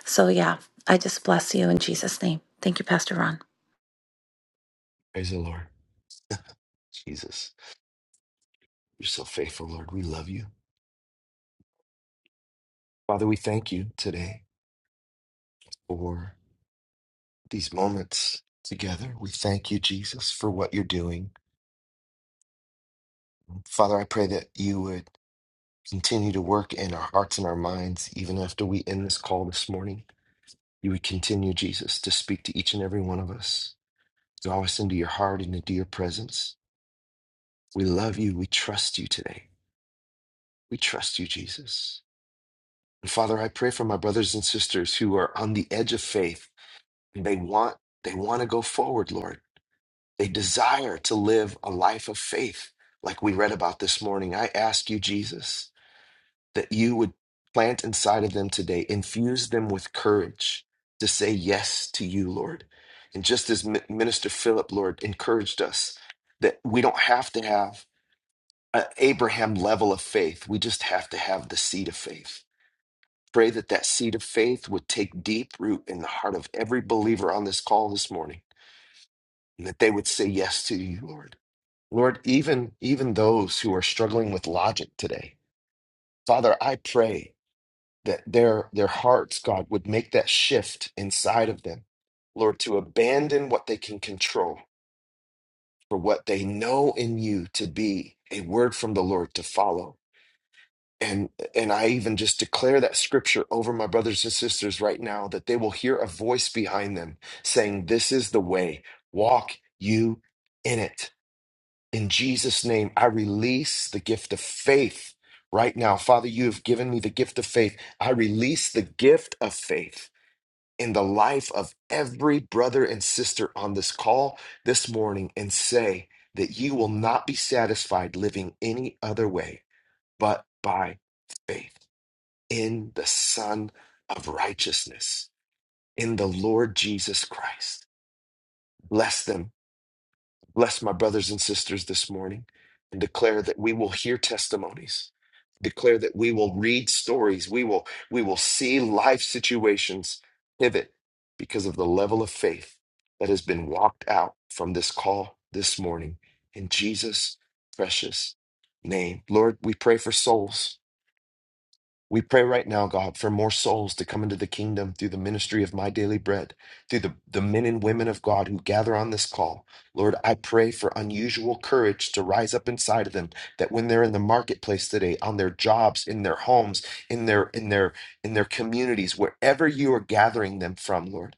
Speaker 13: So yeah, I just bless you in Jesus' name. Thank you, Pastor Ron.
Speaker 1: Praise the Lord, Jesus. You're so faithful, Lord. We love you, Father. We thank you today for. these moments together. We thank you, Jesus, for what you're doing. Father, I pray that you would continue to work in our hearts and our minds, even after we end this call this morning. You would continue, Jesus, to speak to each and every one of us. Draw us into your heart and into your presence. We love you. We trust you today. We trust you, Jesus. And Father, I pray for my brothers and sisters who are on the edge of faith. They want they want to go forward, Lord They desire to live a life of faith, like we read about this morning. I ask you, Jesus, that you would plant inside of them today, infuse them with courage to say yes to you, Lord. And just as Mi- Minister Philip, Lord, encouraged us that we don't have to have an Abraham level of faith, we just have to have the seed of faith. Pray that that seed of faith would take deep root in the heart of every believer on this call this morning, and that they would say yes to you, Lord. Lord, even even those who are struggling with logic today, Father, I pray that their their hearts, God, would make that shift inside of them, Lord, to abandon what they can control for what they know in you to be a word from the Lord to follow. And and I even just declare that scripture over my brothers and sisters right now that they will hear a voice behind them saying, This is the way, walk you in it. In Jesus' name, I release the gift of faith right now. Father, you have given me the gift of faith. I release the gift of faith in the life of every brother and sister on this call this morning and say that you will not be satisfied living any other way but by faith in the Son of righteousness, in the Lord Jesus Christ. Bless them Bless my brothers and sisters this morning and declare that we will hear testimonies. Declare that we will read stories. We will we will see life situations pivot because of the level of faith that has been walked out from this call this morning in Jesus precious name. Lord, we pray for souls. We pray right now, God, for more souls to come into the kingdom through the ministry of my daily bread, through the, the men and women of God who gather on this call. Lord, I pray for unusual courage to rise up inside of them that when they're in the marketplace today, on their jobs, in their homes, in their in their in their communities, wherever you are gathering them from, Lord.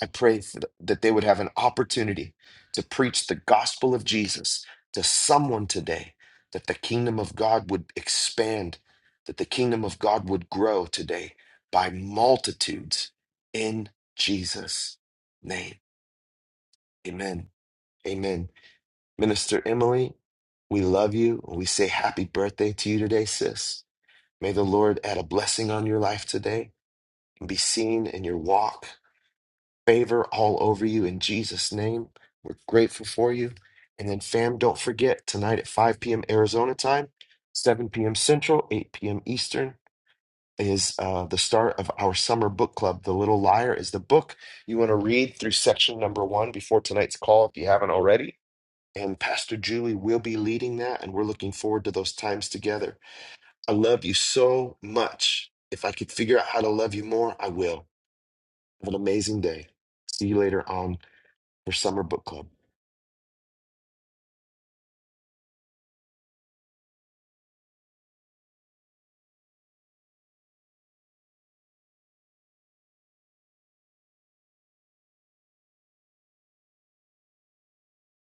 Speaker 1: I pray th- that they would have an opportunity to preach the gospel of Jesus to someone today, that the kingdom of God would expand, that the kingdom of God would grow today by multitudes in Jesus' name. Amen. Amen. Minister Emily, we love you. We say happy birthday to you today, sis. May the Lord add a blessing on your life today and be seen in your walk favor all over you in Jesus' name. We're grateful for you. And then, fam, don't forget tonight at 5 p.m. Arizona time, 7 p.m. Central, 8 p.m. Eastern is uh, the start of our summer book club. The Little Liar is the book you want to read through section number one before tonight's call if you haven't already. And Pastor Julie will be leading that, and we're looking forward to those times together. I love you so much. If I could figure out how to love you more, I will. Have an amazing day. See you later on for summer book club.